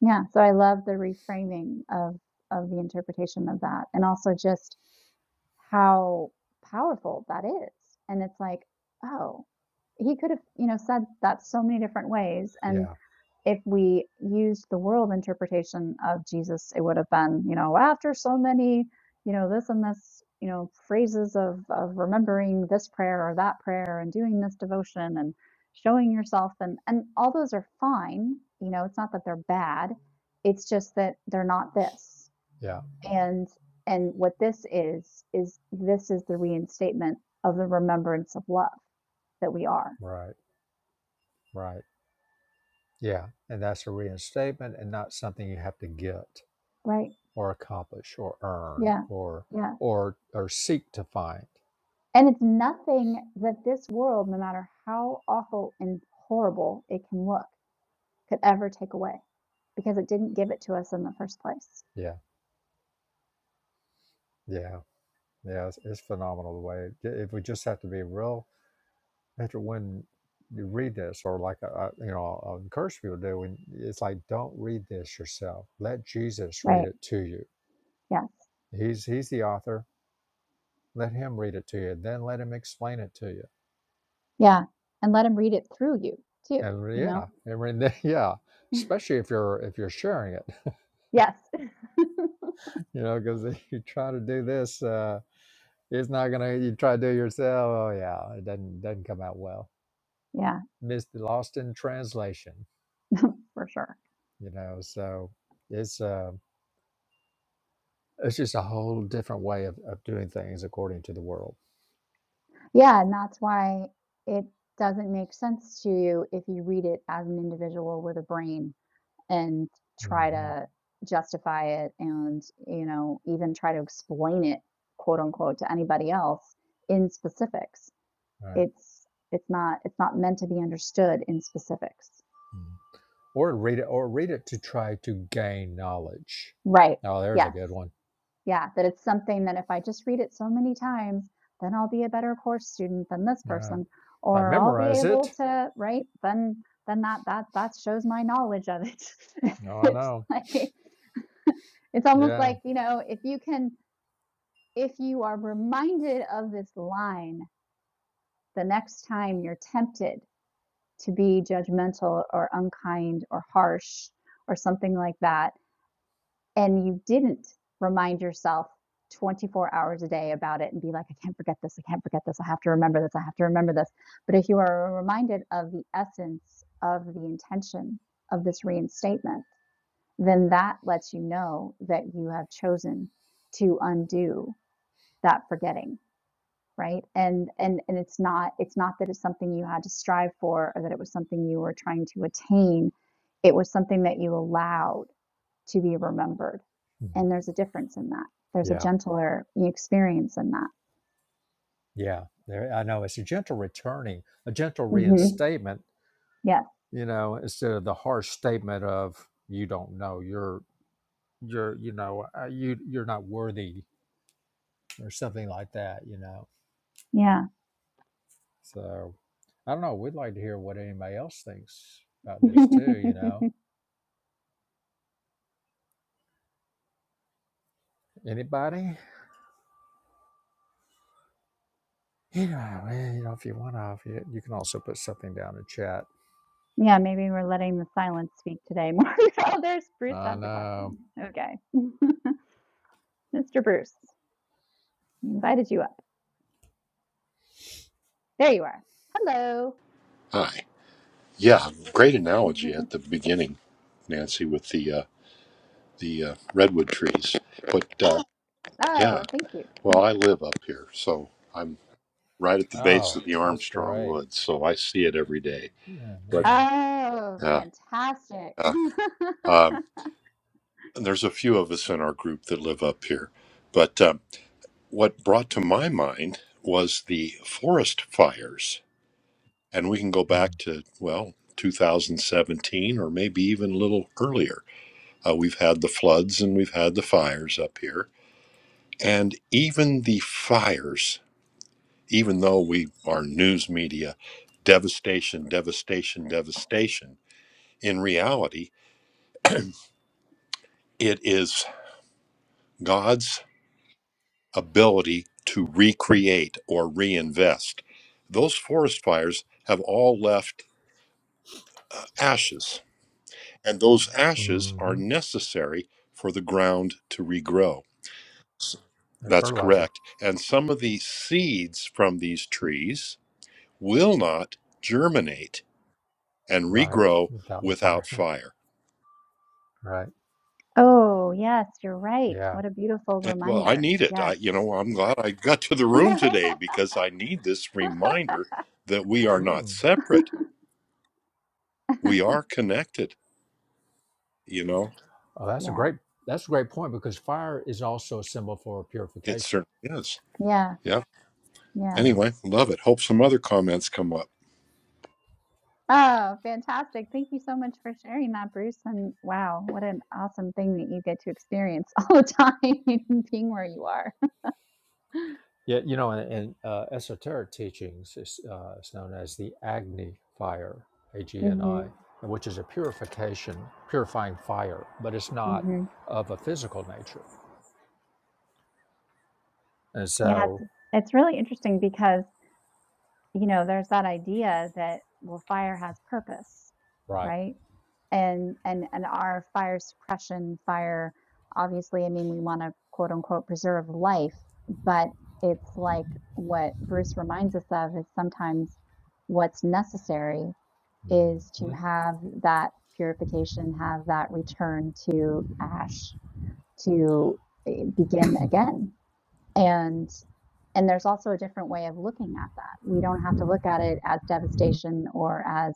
[SPEAKER 2] Yeah. So I love the reframing of of the interpretation of that. And also just how powerful that is. And it's like, oh, he could have, you know, said that so many different ways. And
[SPEAKER 1] Yeah,
[SPEAKER 2] if we used the world interpretation of Jesus, it would have been, you know, after so many, you know, this and this, you know, phrases of of remembering this prayer or that prayer and doing this devotion and showing yourself and and all those are fine. You know, it's not that they're bad. It's just that they're not this.
[SPEAKER 1] yeah,
[SPEAKER 2] And and what this is is this is the reinstatement of the remembrance of love that we are,
[SPEAKER 1] right, right. Yeah, and that's a reinstatement, and not something you have to get
[SPEAKER 2] right?
[SPEAKER 1] or accomplish or earn
[SPEAKER 2] Yeah.
[SPEAKER 1] or
[SPEAKER 2] Yeah.
[SPEAKER 1] or or seek to find.
[SPEAKER 2] And it's nothing that this world, no matter how awful and horrible it can look, could ever take away because it didn't give it to us in the first place.
[SPEAKER 1] Yeah, yeah, yeah. It's, it's phenomenal the way it, it would just have to be real after when you read this, or like I, you know, I'll encourage people to do, and it's like don't read this yourself. Let Jesus read
[SPEAKER 2] Right.
[SPEAKER 1] it to you.
[SPEAKER 2] Yes.
[SPEAKER 1] He's he's the author. Let him read it to you, then let him explain it to you.
[SPEAKER 2] Yeah. And let him read it through you too,
[SPEAKER 1] And
[SPEAKER 2] you know?
[SPEAKER 1] yeah, and re- then- yeah, especially if you're if you're sharing it,
[SPEAKER 2] Yes.
[SPEAKER 1] you know, because if you try to do this, uh, it's not gonna. You try to do it yourself. Oh yeah, it doesn't doesn't come out well.
[SPEAKER 2] Yeah,
[SPEAKER 1] Missed, lost in translation.
[SPEAKER 2] for sure.
[SPEAKER 1] You know, so it's. uh. It's just a whole different way of, of doing things according to the world,
[SPEAKER 2] Yeah, and that's why it doesn't make sense to you if you read it as an individual with a brain and try
[SPEAKER 1] hmm
[SPEAKER 2] to justify it and, you know, even try to explain it, quote unquote, to anybody else in specifics.
[SPEAKER 1] right?
[SPEAKER 2] It's it's not it's not meant to be understood in specifics.
[SPEAKER 1] Mm-hmm. Or read it, or read it to try to gain knowledge.
[SPEAKER 2] Right.
[SPEAKER 1] Oh, there's a good
[SPEAKER 2] Yes.
[SPEAKER 1] one.
[SPEAKER 2] Yeah, that it's something that if I just read it so many times, then I'll be a better course student than this
[SPEAKER 1] All right,
[SPEAKER 2] person,
[SPEAKER 1] if I
[SPEAKER 2] or I'll be
[SPEAKER 1] memorize
[SPEAKER 2] able
[SPEAKER 1] it,
[SPEAKER 2] to, right? Then then that that that shows my knowledge of it.
[SPEAKER 1] oh, I
[SPEAKER 2] it's
[SPEAKER 1] know.
[SPEAKER 2] like it's almost
[SPEAKER 1] Yeah,
[SPEAKER 2] like, you know, if you can if you are reminded of this line the next time you're tempted to be judgmental or unkind or harsh or something like that, and you didn't remind yourself 24 hours a day about it and be like, I can't forget this, I can't forget this, I have to remember this, I have to remember this. But if you are reminded of the essence of the intention of this reinstatement, then that lets you know that you have chosen to undo that forgetting right and and and it's not it's not that it's something you had to strive for or that it was something you were trying to attain it was something that you allowed to be remembered. And
[SPEAKER 1] Mm-hmm.
[SPEAKER 2] there's a difference in that. There's a
[SPEAKER 1] yeah,
[SPEAKER 2] gentler experience in that.
[SPEAKER 1] yeah. There, I know. It's a gentle returning, a gentle
[SPEAKER 2] Mhm.
[SPEAKER 1] reinstatement.
[SPEAKER 2] Yes.
[SPEAKER 1] You know, instead of the harsh statement of "you don't know," you're you're you know uh, you you're not worthy or something like that. You know
[SPEAKER 2] Yeah.
[SPEAKER 1] So I don't know. We'd like to hear what anybody else thinks about this too. You know, anybody? You know, well, you know, if you want to, if you, you can also put something down in chat.
[SPEAKER 2] Yeah, maybe we're letting the silence speak today more. Oh, there's Bruce
[SPEAKER 1] I
[SPEAKER 2] has a
[SPEAKER 1] know.
[SPEAKER 2] question. Okay. Mr. Bruce, we invited you up. There you are. Hello.
[SPEAKER 3] Hi. Yeah, great analogy at the beginning, Nancy, with the uh, the uh, redwood trees. But uh, yeah,
[SPEAKER 2] Oh, thank you.
[SPEAKER 3] well, I live up here, so I'm right at the base
[SPEAKER 1] Oh,
[SPEAKER 3] of the
[SPEAKER 1] that's
[SPEAKER 3] Armstrong
[SPEAKER 1] great.
[SPEAKER 3] Woods, so I see it every day.
[SPEAKER 1] Yeah,
[SPEAKER 3] But
[SPEAKER 1] man.
[SPEAKER 2] Oh,
[SPEAKER 3] uh,
[SPEAKER 2] fantastic.
[SPEAKER 3] uh, um, and there's a few of us in our group that live up here. But um, what brought to my mind was the forest fires, and we can go back to well 2017 or maybe even a little earlier Uh, we've had the floods and we've had the fires up here. And even the fires, even though we are news media, devastation, devastation, devastation, in reality, it is God's ability to recreate or reinvest. Those forest fires have all left uh, ashes, and those ashes are
[SPEAKER 1] Mm-hmm.
[SPEAKER 3] necessary for the ground to regrow S-
[SPEAKER 1] The
[SPEAKER 3] That's
[SPEAKER 1] fertilizer,
[SPEAKER 3] correct. And some of the seeds from these trees will not germinate and
[SPEAKER 1] right?
[SPEAKER 3] regrow
[SPEAKER 1] Without the
[SPEAKER 3] without
[SPEAKER 1] fire,
[SPEAKER 3] fire.
[SPEAKER 1] right?
[SPEAKER 2] Oh, yes, you're right.
[SPEAKER 1] Yeah.
[SPEAKER 2] What a beautiful
[SPEAKER 3] And, well, I
[SPEAKER 2] reminder.
[SPEAKER 3] need it. I,
[SPEAKER 2] Yes.
[SPEAKER 3] you know, I'm glad I got to the room today because I need this reminder that we are not
[SPEAKER 1] Mm.
[SPEAKER 3] separate. We are connected. You know,
[SPEAKER 1] Oh, that's a
[SPEAKER 2] Yeah.
[SPEAKER 1] great. That's a great point because fire is also a symbol for
[SPEAKER 3] it
[SPEAKER 1] purification.
[SPEAKER 3] certainly is.
[SPEAKER 2] Yeah,
[SPEAKER 3] Yeah.
[SPEAKER 2] yeah.
[SPEAKER 1] Yeah.
[SPEAKER 3] Anyway, love it. Hope some other comments come up.
[SPEAKER 2] Oh, fantastic. Thank you so much for sharing that, Bruce. And wow, what an awesome thing that you get to experience all the time being where you are.
[SPEAKER 1] Yeah, you know, and in uh, esoteric teachings, is uh, it's known as the Agni fire, A G N
[SPEAKER 2] hmm
[SPEAKER 1] I, and which is a purification, purifying fire, but it's not
[SPEAKER 2] hmm
[SPEAKER 1] of a physical nature. And
[SPEAKER 2] Yeah,
[SPEAKER 1] so,
[SPEAKER 2] it's, it's really interesting because, you know, there's that idea that, well, fire has purpose,
[SPEAKER 1] right.
[SPEAKER 2] right? and and and our fire suppression fire obviously i mean we want to quote unquote preserve life but it's like what bruce reminds us of is sometimes what's necessary is to
[SPEAKER 1] hmm
[SPEAKER 2] have that purification have that return to ash to eh, begin again and and there's also a different way of looking at that we don't have to look at it as devastation or as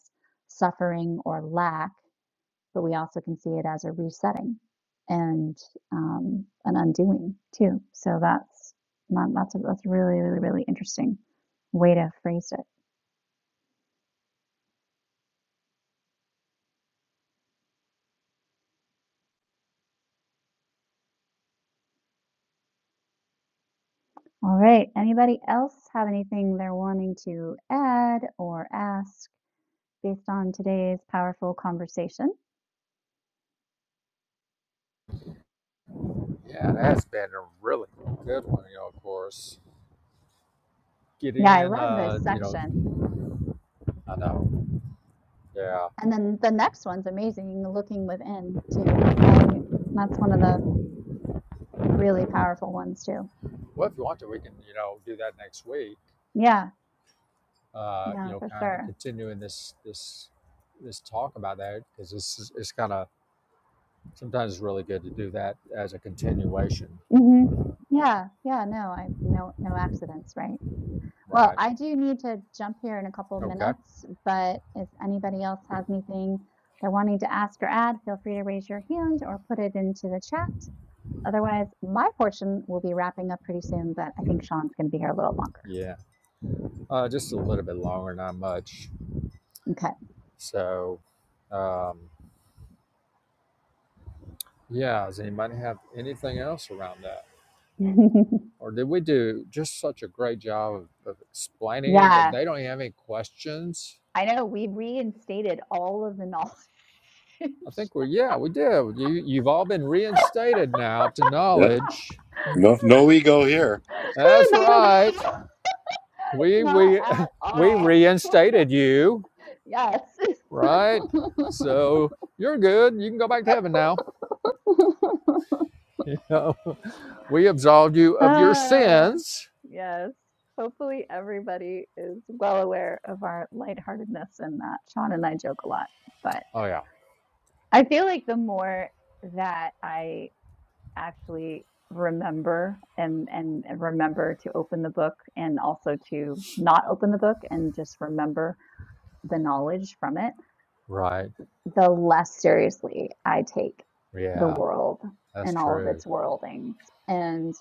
[SPEAKER 2] suffering or lack but we also can see it as a resetting and um, an undoing too. So that's that- that's a, that's really really really interesting way to phrase it. All right. Anybody else have anything they're wanting to add or ask based on today's powerful conversation?
[SPEAKER 1] Yeah, that's been a really good one, you know, of course. Get
[SPEAKER 2] Yeah, I
[SPEAKER 1] in,
[SPEAKER 2] love this
[SPEAKER 1] uh, you know,
[SPEAKER 2] section.
[SPEAKER 1] I know. Yeah.
[SPEAKER 2] And then the next one's amazing, looking within too. I that's one of the really powerful ones too.
[SPEAKER 1] Well, if you want to, we can, you know, do that next week.
[SPEAKER 2] Yeah,
[SPEAKER 1] Uh, you
[SPEAKER 2] yeah,
[SPEAKER 1] know,
[SPEAKER 2] for
[SPEAKER 1] kind of
[SPEAKER 2] sure.
[SPEAKER 1] continuing this, this, this talk about that because this is, it's kind of sometimes it's really good to do that as a continuation,
[SPEAKER 2] Mhm. Yeah, yeah, no, I no no accidents, right? Well,
[SPEAKER 1] right?
[SPEAKER 2] I do need to jump here in a couple of
[SPEAKER 1] Okay.
[SPEAKER 2] minutes, but if anybody else has anything they're wanting to ask or add, feel free to raise your hand or put it into the chat. Otherwise, my portion will be wrapping up pretty soon, but I think Sean's going to be here a little longer.
[SPEAKER 1] Yeah. Uh, just a little bit longer, not much. So, um, yeah, does anybody have anything else around that?
[SPEAKER 2] Okay.
[SPEAKER 1] Or did we do just such a great job of, of explaining it that
[SPEAKER 2] Yeah,
[SPEAKER 1] they don't have any questions?
[SPEAKER 2] I know we reinstated all of the knowledge.
[SPEAKER 1] I think we're, yeah, we did. You, you've all been reinstated now to
[SPEAKER 3] Yeah.
[SPEAKER 1] knowledge.
[SPEAKER 3] No, no ego here.
[SPEAKER 1] That's
[SPEAKER 2] Not at
[SPEAKER 1] right.
[SPEAKER 2] all.
[SPEAKER 1] We,
[SPEAKER 2] Not
[SPEAKER 1] we,
[SPEAKER 2] at
[SPEAKER 1] we
[SPEAKER 2] all.
[SPEAKER 1] reinstated you.
[SPEAKER 2] Yes.
[SPEAKER 1] right? So you're good. You can go back to heaven now. You know, we absolved you of your
[SPEAKER 2] Ah,
[SPEAKER 1] sins.
[SPEAKER 2] yes. Hopefully, everybody is well aware of our lightheartedness and that Sean and I joke a lot. But
[SPEAKER 1] Oh yeah,
[SPEAKER 2] I feel like the more that I actually remember and, and and remember to open the book and also to not open the book and just remember the knowledge from it
[SPEAKER 1] right.
[SPEAKER 2] the less seriously I take the
[SPEAKER 1] Yeah,
[SPEAKER 2] world
[SPEAKER 1] that's
[SPEAKER 2] and all of
[SPEAKER 1] true.
[SPEAKER 2] its worldings. And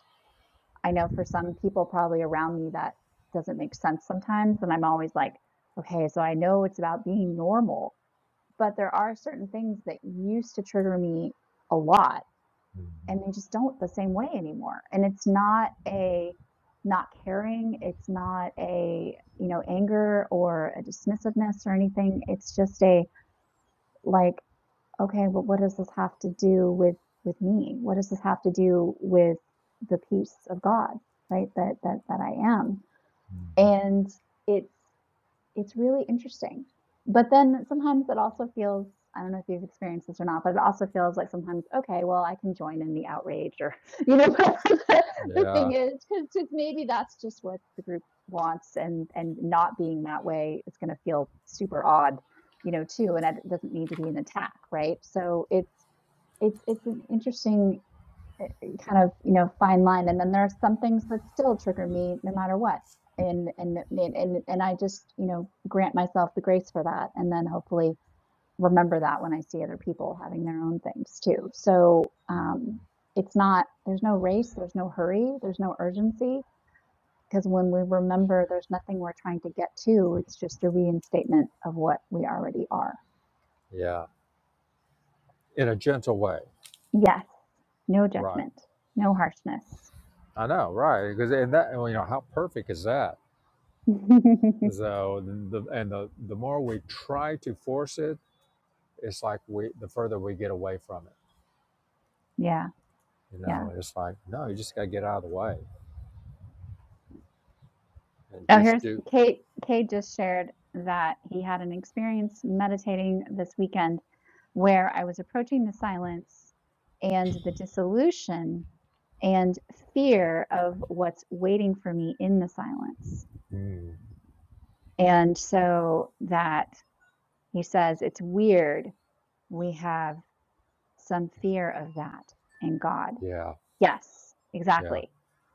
[SPEAKER 2] I know for some people probably around me that doesn't make sense sometimes. And I'm always like, okay, so I know it's about being normal, but there are certain things that used to trigger me a lot and
[SPEAKER 1] Mhm.
[SPEAKER 2] they just don't the same way anymore. And it's not a not caring, it's not a, you know, anger or a dismissiveness or anything. It's just a like okay, but what does this have to do with with me? What does this have to do with the peace of God, right? That that that I am.
[SPEAKER 1] Mhm.
[SPEAKER 2] And it's it's really interesting. But then sometimes it also feels I don't know if you've experienced this or not, but it also feels like sometimes, okay, well, I can join in the outrage or, you know, the
[SPEAKER 1] Yeah,
[SPEAKER 2] thing is, because maybe that's just what the group wants and and not being that way is going to feel super odd, you know, too. And it doesn't need to be an attack, right? So it's it's it's an interesting uh, kind of you know fine line and then there are some things that still trigger me no matter what and and and and and I just you know grant myself the grace for that and then hopefully remember that when I see other people having their own things too so um
[SPEAKER 1] Mm-hmm.
[SPEAKER 2] it's not there's no race there's no hurry there's no urgency because when we remember there's nothing we're trying to get to it's just a reinstatement of what we already are
[SPEAKER 1] yeah. In a gentle way,
[SPEAKER 2] yes no
[SPEAKER 1] right?
[SPEAKER 2] judgment no harshness
[SPEAKER 1] I know, right? Because and that well, you know how perfect is that? So the- and the the more we try to force it, it's like we the further we get away from it.
[SPEAKER 2] yeah
[SPEAKER 1] You
[SPEAKER 2] yeah
[SPEAKER 1] know, it's like no, you just got to get out of the way and
[SPEAKER 2] Oh,
[SPEAKER 1] just
[SPEAKER 2] here's
[SPEAKER 1] do.
[SPEAKER 2] Kate. Kate just shared that he had an experience meditating this weekend where I was approaching the silence and the dissolution and fear of what's waiting for me in the silence.
[SPEAKER 1] Mm,
[SPEAKER 2] And so that he says it's weird we have some fear of that in God.
[SPEAKER 1] yeah
[SPEAKER 2] Yes,
[SPEAKER 1] Yeah.
[SPEAKER 2] exactly,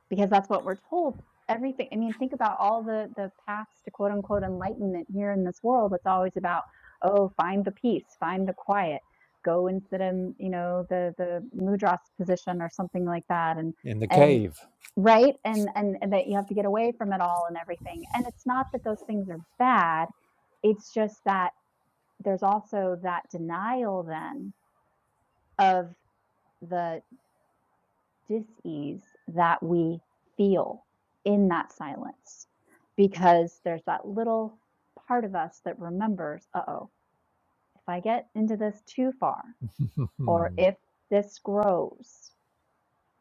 [SPEAKER 2] because that's what we're told everything I mean, think about all the the paths to quote unquote enlightenment here in this world, it's always about, "Oh, find the peace, find the quiet, go and sit in, you know, the the mudras position or something like that," and
[SPEAKER 1] in the
[SPEAKER 2] and
[SPEAKER 1] cave.
[SPEAKER 2] right? And and and that you have to get away from it all and everything, and it's not that those things are bad, it's just that there's also that denial then of the dis-ease that we feel in that silence because there's that little part of us that remembers, uh-oh, if I get into this too far, or
[SPEAKER 1] hmm
[SPEAKER 2] if this grows,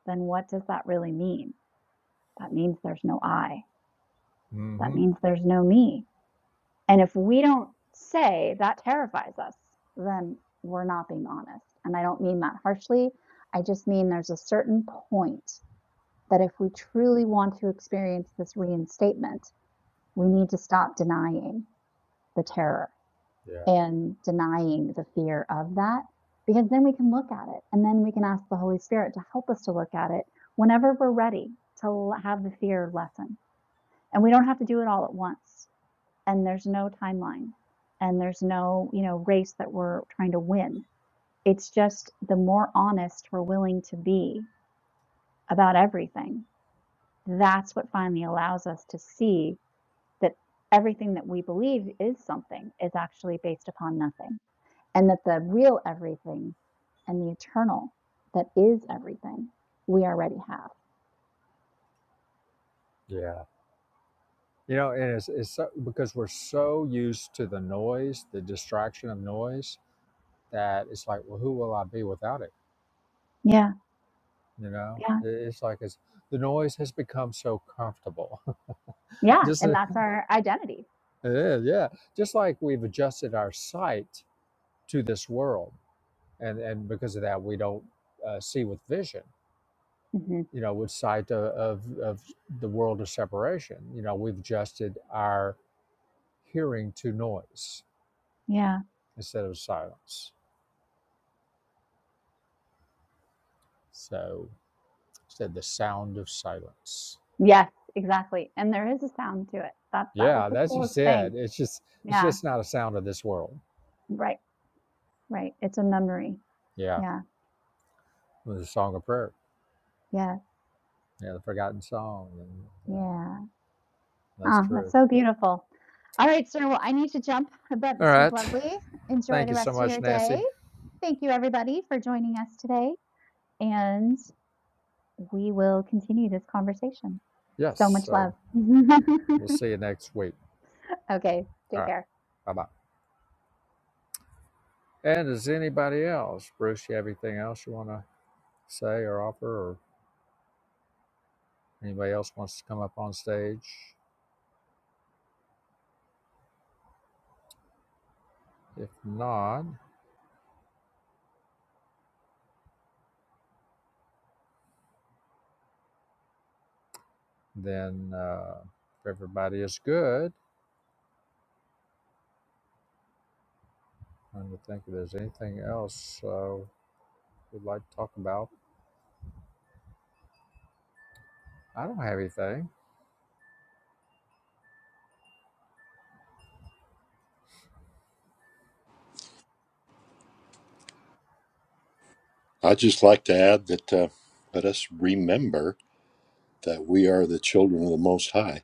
[SPEAKER 2] then what does that really mean? That means there's no I. That
[SPEAKER 1] Yeah.
[SPEAKER 2] means there's no me. And if we don't say that terrifies us, then we're not being honest. And I don't mean that harshly. I just mean there's a certain point that if we truly want to experience this reinstatement, we need to stop denying the terror and denying the fear of that, because then we can look at it and then we can ask the Holy Spirit to help us to look at it whenever we're ready to have the fear lessen. And we don't have to do it all at once. And there's no timeline and there's no, you know, race that we're trying to win. It's just the more honest we're willing to be about everything, that's what finally allows us to see that everything that we believe is something is actually based upon nothing, and that the real everything and the eternal that is everything we already have.
[SPEAKER 1] Yeah. You know, and it's, it's so, because we're so used to the noise, the distraction of noise, that it's like, well, who will I be without it?
[SPEAKER 2] Yeah,
[SPEAKER 1] You know,
[SPEAKER 2] yeah,
[SPEAKER 1] I- it's like it's the noise has become so comfortable.
[SPEAKER 2] yeah.
[SPEAKER 1] Just
[SPEAKER 2] And
[SPEAKER 1] uh,
[SPEAKER 2] that's our identity.
[SPEAKER 1] it is, yeah. Just like we've adjusted our sight to this world, and and because of that, we don't uh, see with vision.
[SPEAKER 2] hmm
[SPEAKER 1] You know, with sight of, of of the world of separation. You know, we've adjusted our hearing to noise
[SPEAKER 2] Yeah.
[SPEAKER 1] instead of silence. So said the sound of silence.
[SPEAKER 2] Yes, exactly. And there is a sound to it. That that was
[SPEAKER 1] Yeah,
[SPEAKER 2] the
[SPEAKER 1] that's just
[SPEAKER 2] coolest
[SPEAKER 1] it.
[SPEAKER 2] thing.
[SPEAKER 1] It's just it's
[SPEAKER 2] Yeah.
[SPEAKER 1] just not a sound of this world.
[SPEAKER 2] Right. Right. It's a memory.
[SPEAKER 1] Yeah,
[SPEAKER 2] Yeah.
[SPEAKER 1] the song of prayer.
[SPEAKER 2] Yeah.
[SPEAKER 1] Yeah, the forgotten song. And yeah,
[SPEAKER 2] Yeah.
[SPEAKER 1] that's
[SPEAKER 2] Oh, that's
[SPEAKER 1] true.
[SPEAKER 2] so beautiful. All right, sir. Well, I need to jump, but
[SPEAKER 1] All
[SPEAKER 2] this was
[SPEAKER 1] right.
[SPEAKER 2] lovely. Enjoy
[SPEAKER 1] Thank
[SPEAKER 2] the
[SPEAKER 1] you so
[SPEAKER 2] rest of
[SPEAKER 1] much,
[SPEAKER 2] your day.
[SPEAKER 1] Nancy.
[SPEAKER 2] Thank you, everybody, for joining us today, and we will continue this conversation. So
[SPEAKER 1] Yes.
[SPEAKER 2] much
[SPEAKER 1] So
[SPEAKER 2] love.
[SPEAKER 1] we'll see you next week.
[SPEAKER 2] okay,
[SPEAKER 1] All
[SPEAKER 2] take
[SPEAKER 1] right.
[SPEAKER 2] care.
[SPEAKER 1] Bye bye. And does anybody else, Bruce, you have anything else you want to say or offer, or anybody else wants to come up on stage? If not, then uh, if everybody is good, I'm trying to think if there's anything else uh, we'd like to talk about. I don't have anything.
[SPEAKER 3] I just like to add that. Uh, let us remember that we are the children of the Most High.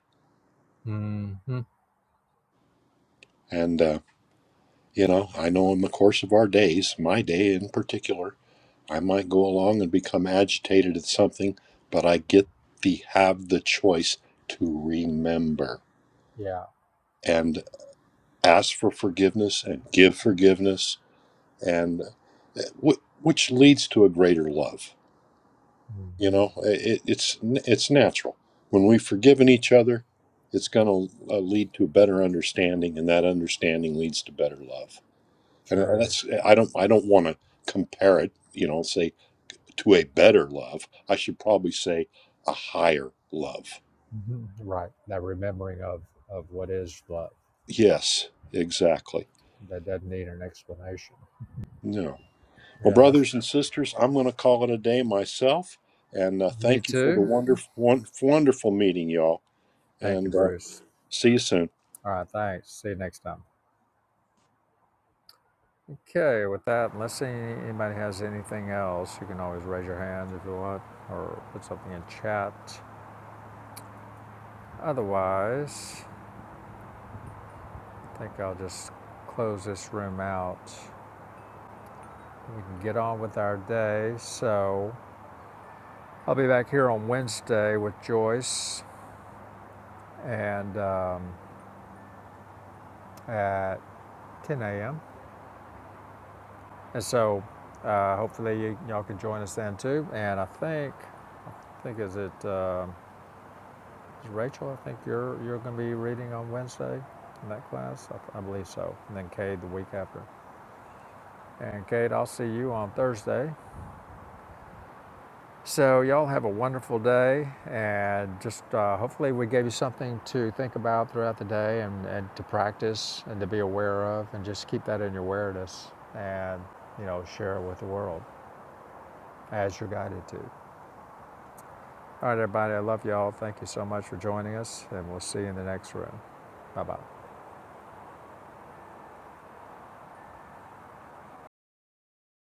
[SPEAKER 1] hmm
[SPEAKER 3] And, uh, you know, I know in the course of our days, my day in particular, I might go along and become agitated at something, but I get the have the choice to remember
[SPEAKER 1] Yeah,
[SPEAKER 3] and ask for forgiveness and give forgiveness, and eh, wh- which leads to a greater love.
[SPEAKER 1] hmm
[SPEAKER 3] You know, it, it's it's natural when we've forgiven each other. It's going to lead to a better understanding, and that understanding leads to better love. and
[SPEAKER 1] true.
[SPEAKER 3] that's I don't I don't want to compare it, you know, say to a better love. I should probably say a higher love.
[SPEAKER 1] hmm Right, that remembering of of what is love
[SPEAKER 3] Yes, exactly.
[SPEAKER 1] that doesn't need an explanation.
[SPEAKER 3] No. Well,
[SPEAKER 1] Yeah, that's
[SPEAKER 3] brothers and sisters, I'm going to call it a day myself, and uh,
[SPEAKER 1] me
[SPEAKER 3] thank you for the
[SPEAKER 1] too.
[SPEAKER 3] wonderful, wonderful meeting, y'all,
[SPEAKER 1] Thank you,
[SPEAKER 3] and uh,
[SPEAKER 1] Bruce.
[SPEAKER 3] see you soon.
[SPEAKER 1] All right, thanks. See you next time. Okay, with that, unless any, anybody has anything else, you can always raise your hand if you want or put something in chat. Otherwise, I think I'll just close this room out. We can get on with our day. So I'll be back here on Wednesday with Joyce and um, at 10 a.m. And so uh, hopefully you, all can join us then too. And I think, I think is it um is Rachel? I think you're you're going to be reading on Wednesday in that class. I, I believe so. And then Cade the week after. And Cade, I'll see you on Thursday So, y'all have a wonderful day, and just uh, hopefully, we gave you something to think about throughout the day and, and to practice and to be aware of, and just keep that in your awareness and, you know, share it with the world as you're guided to. All right, everybody, I love y'all. Thank you so much for joining us, and we'll see you in the next room. Bye bye.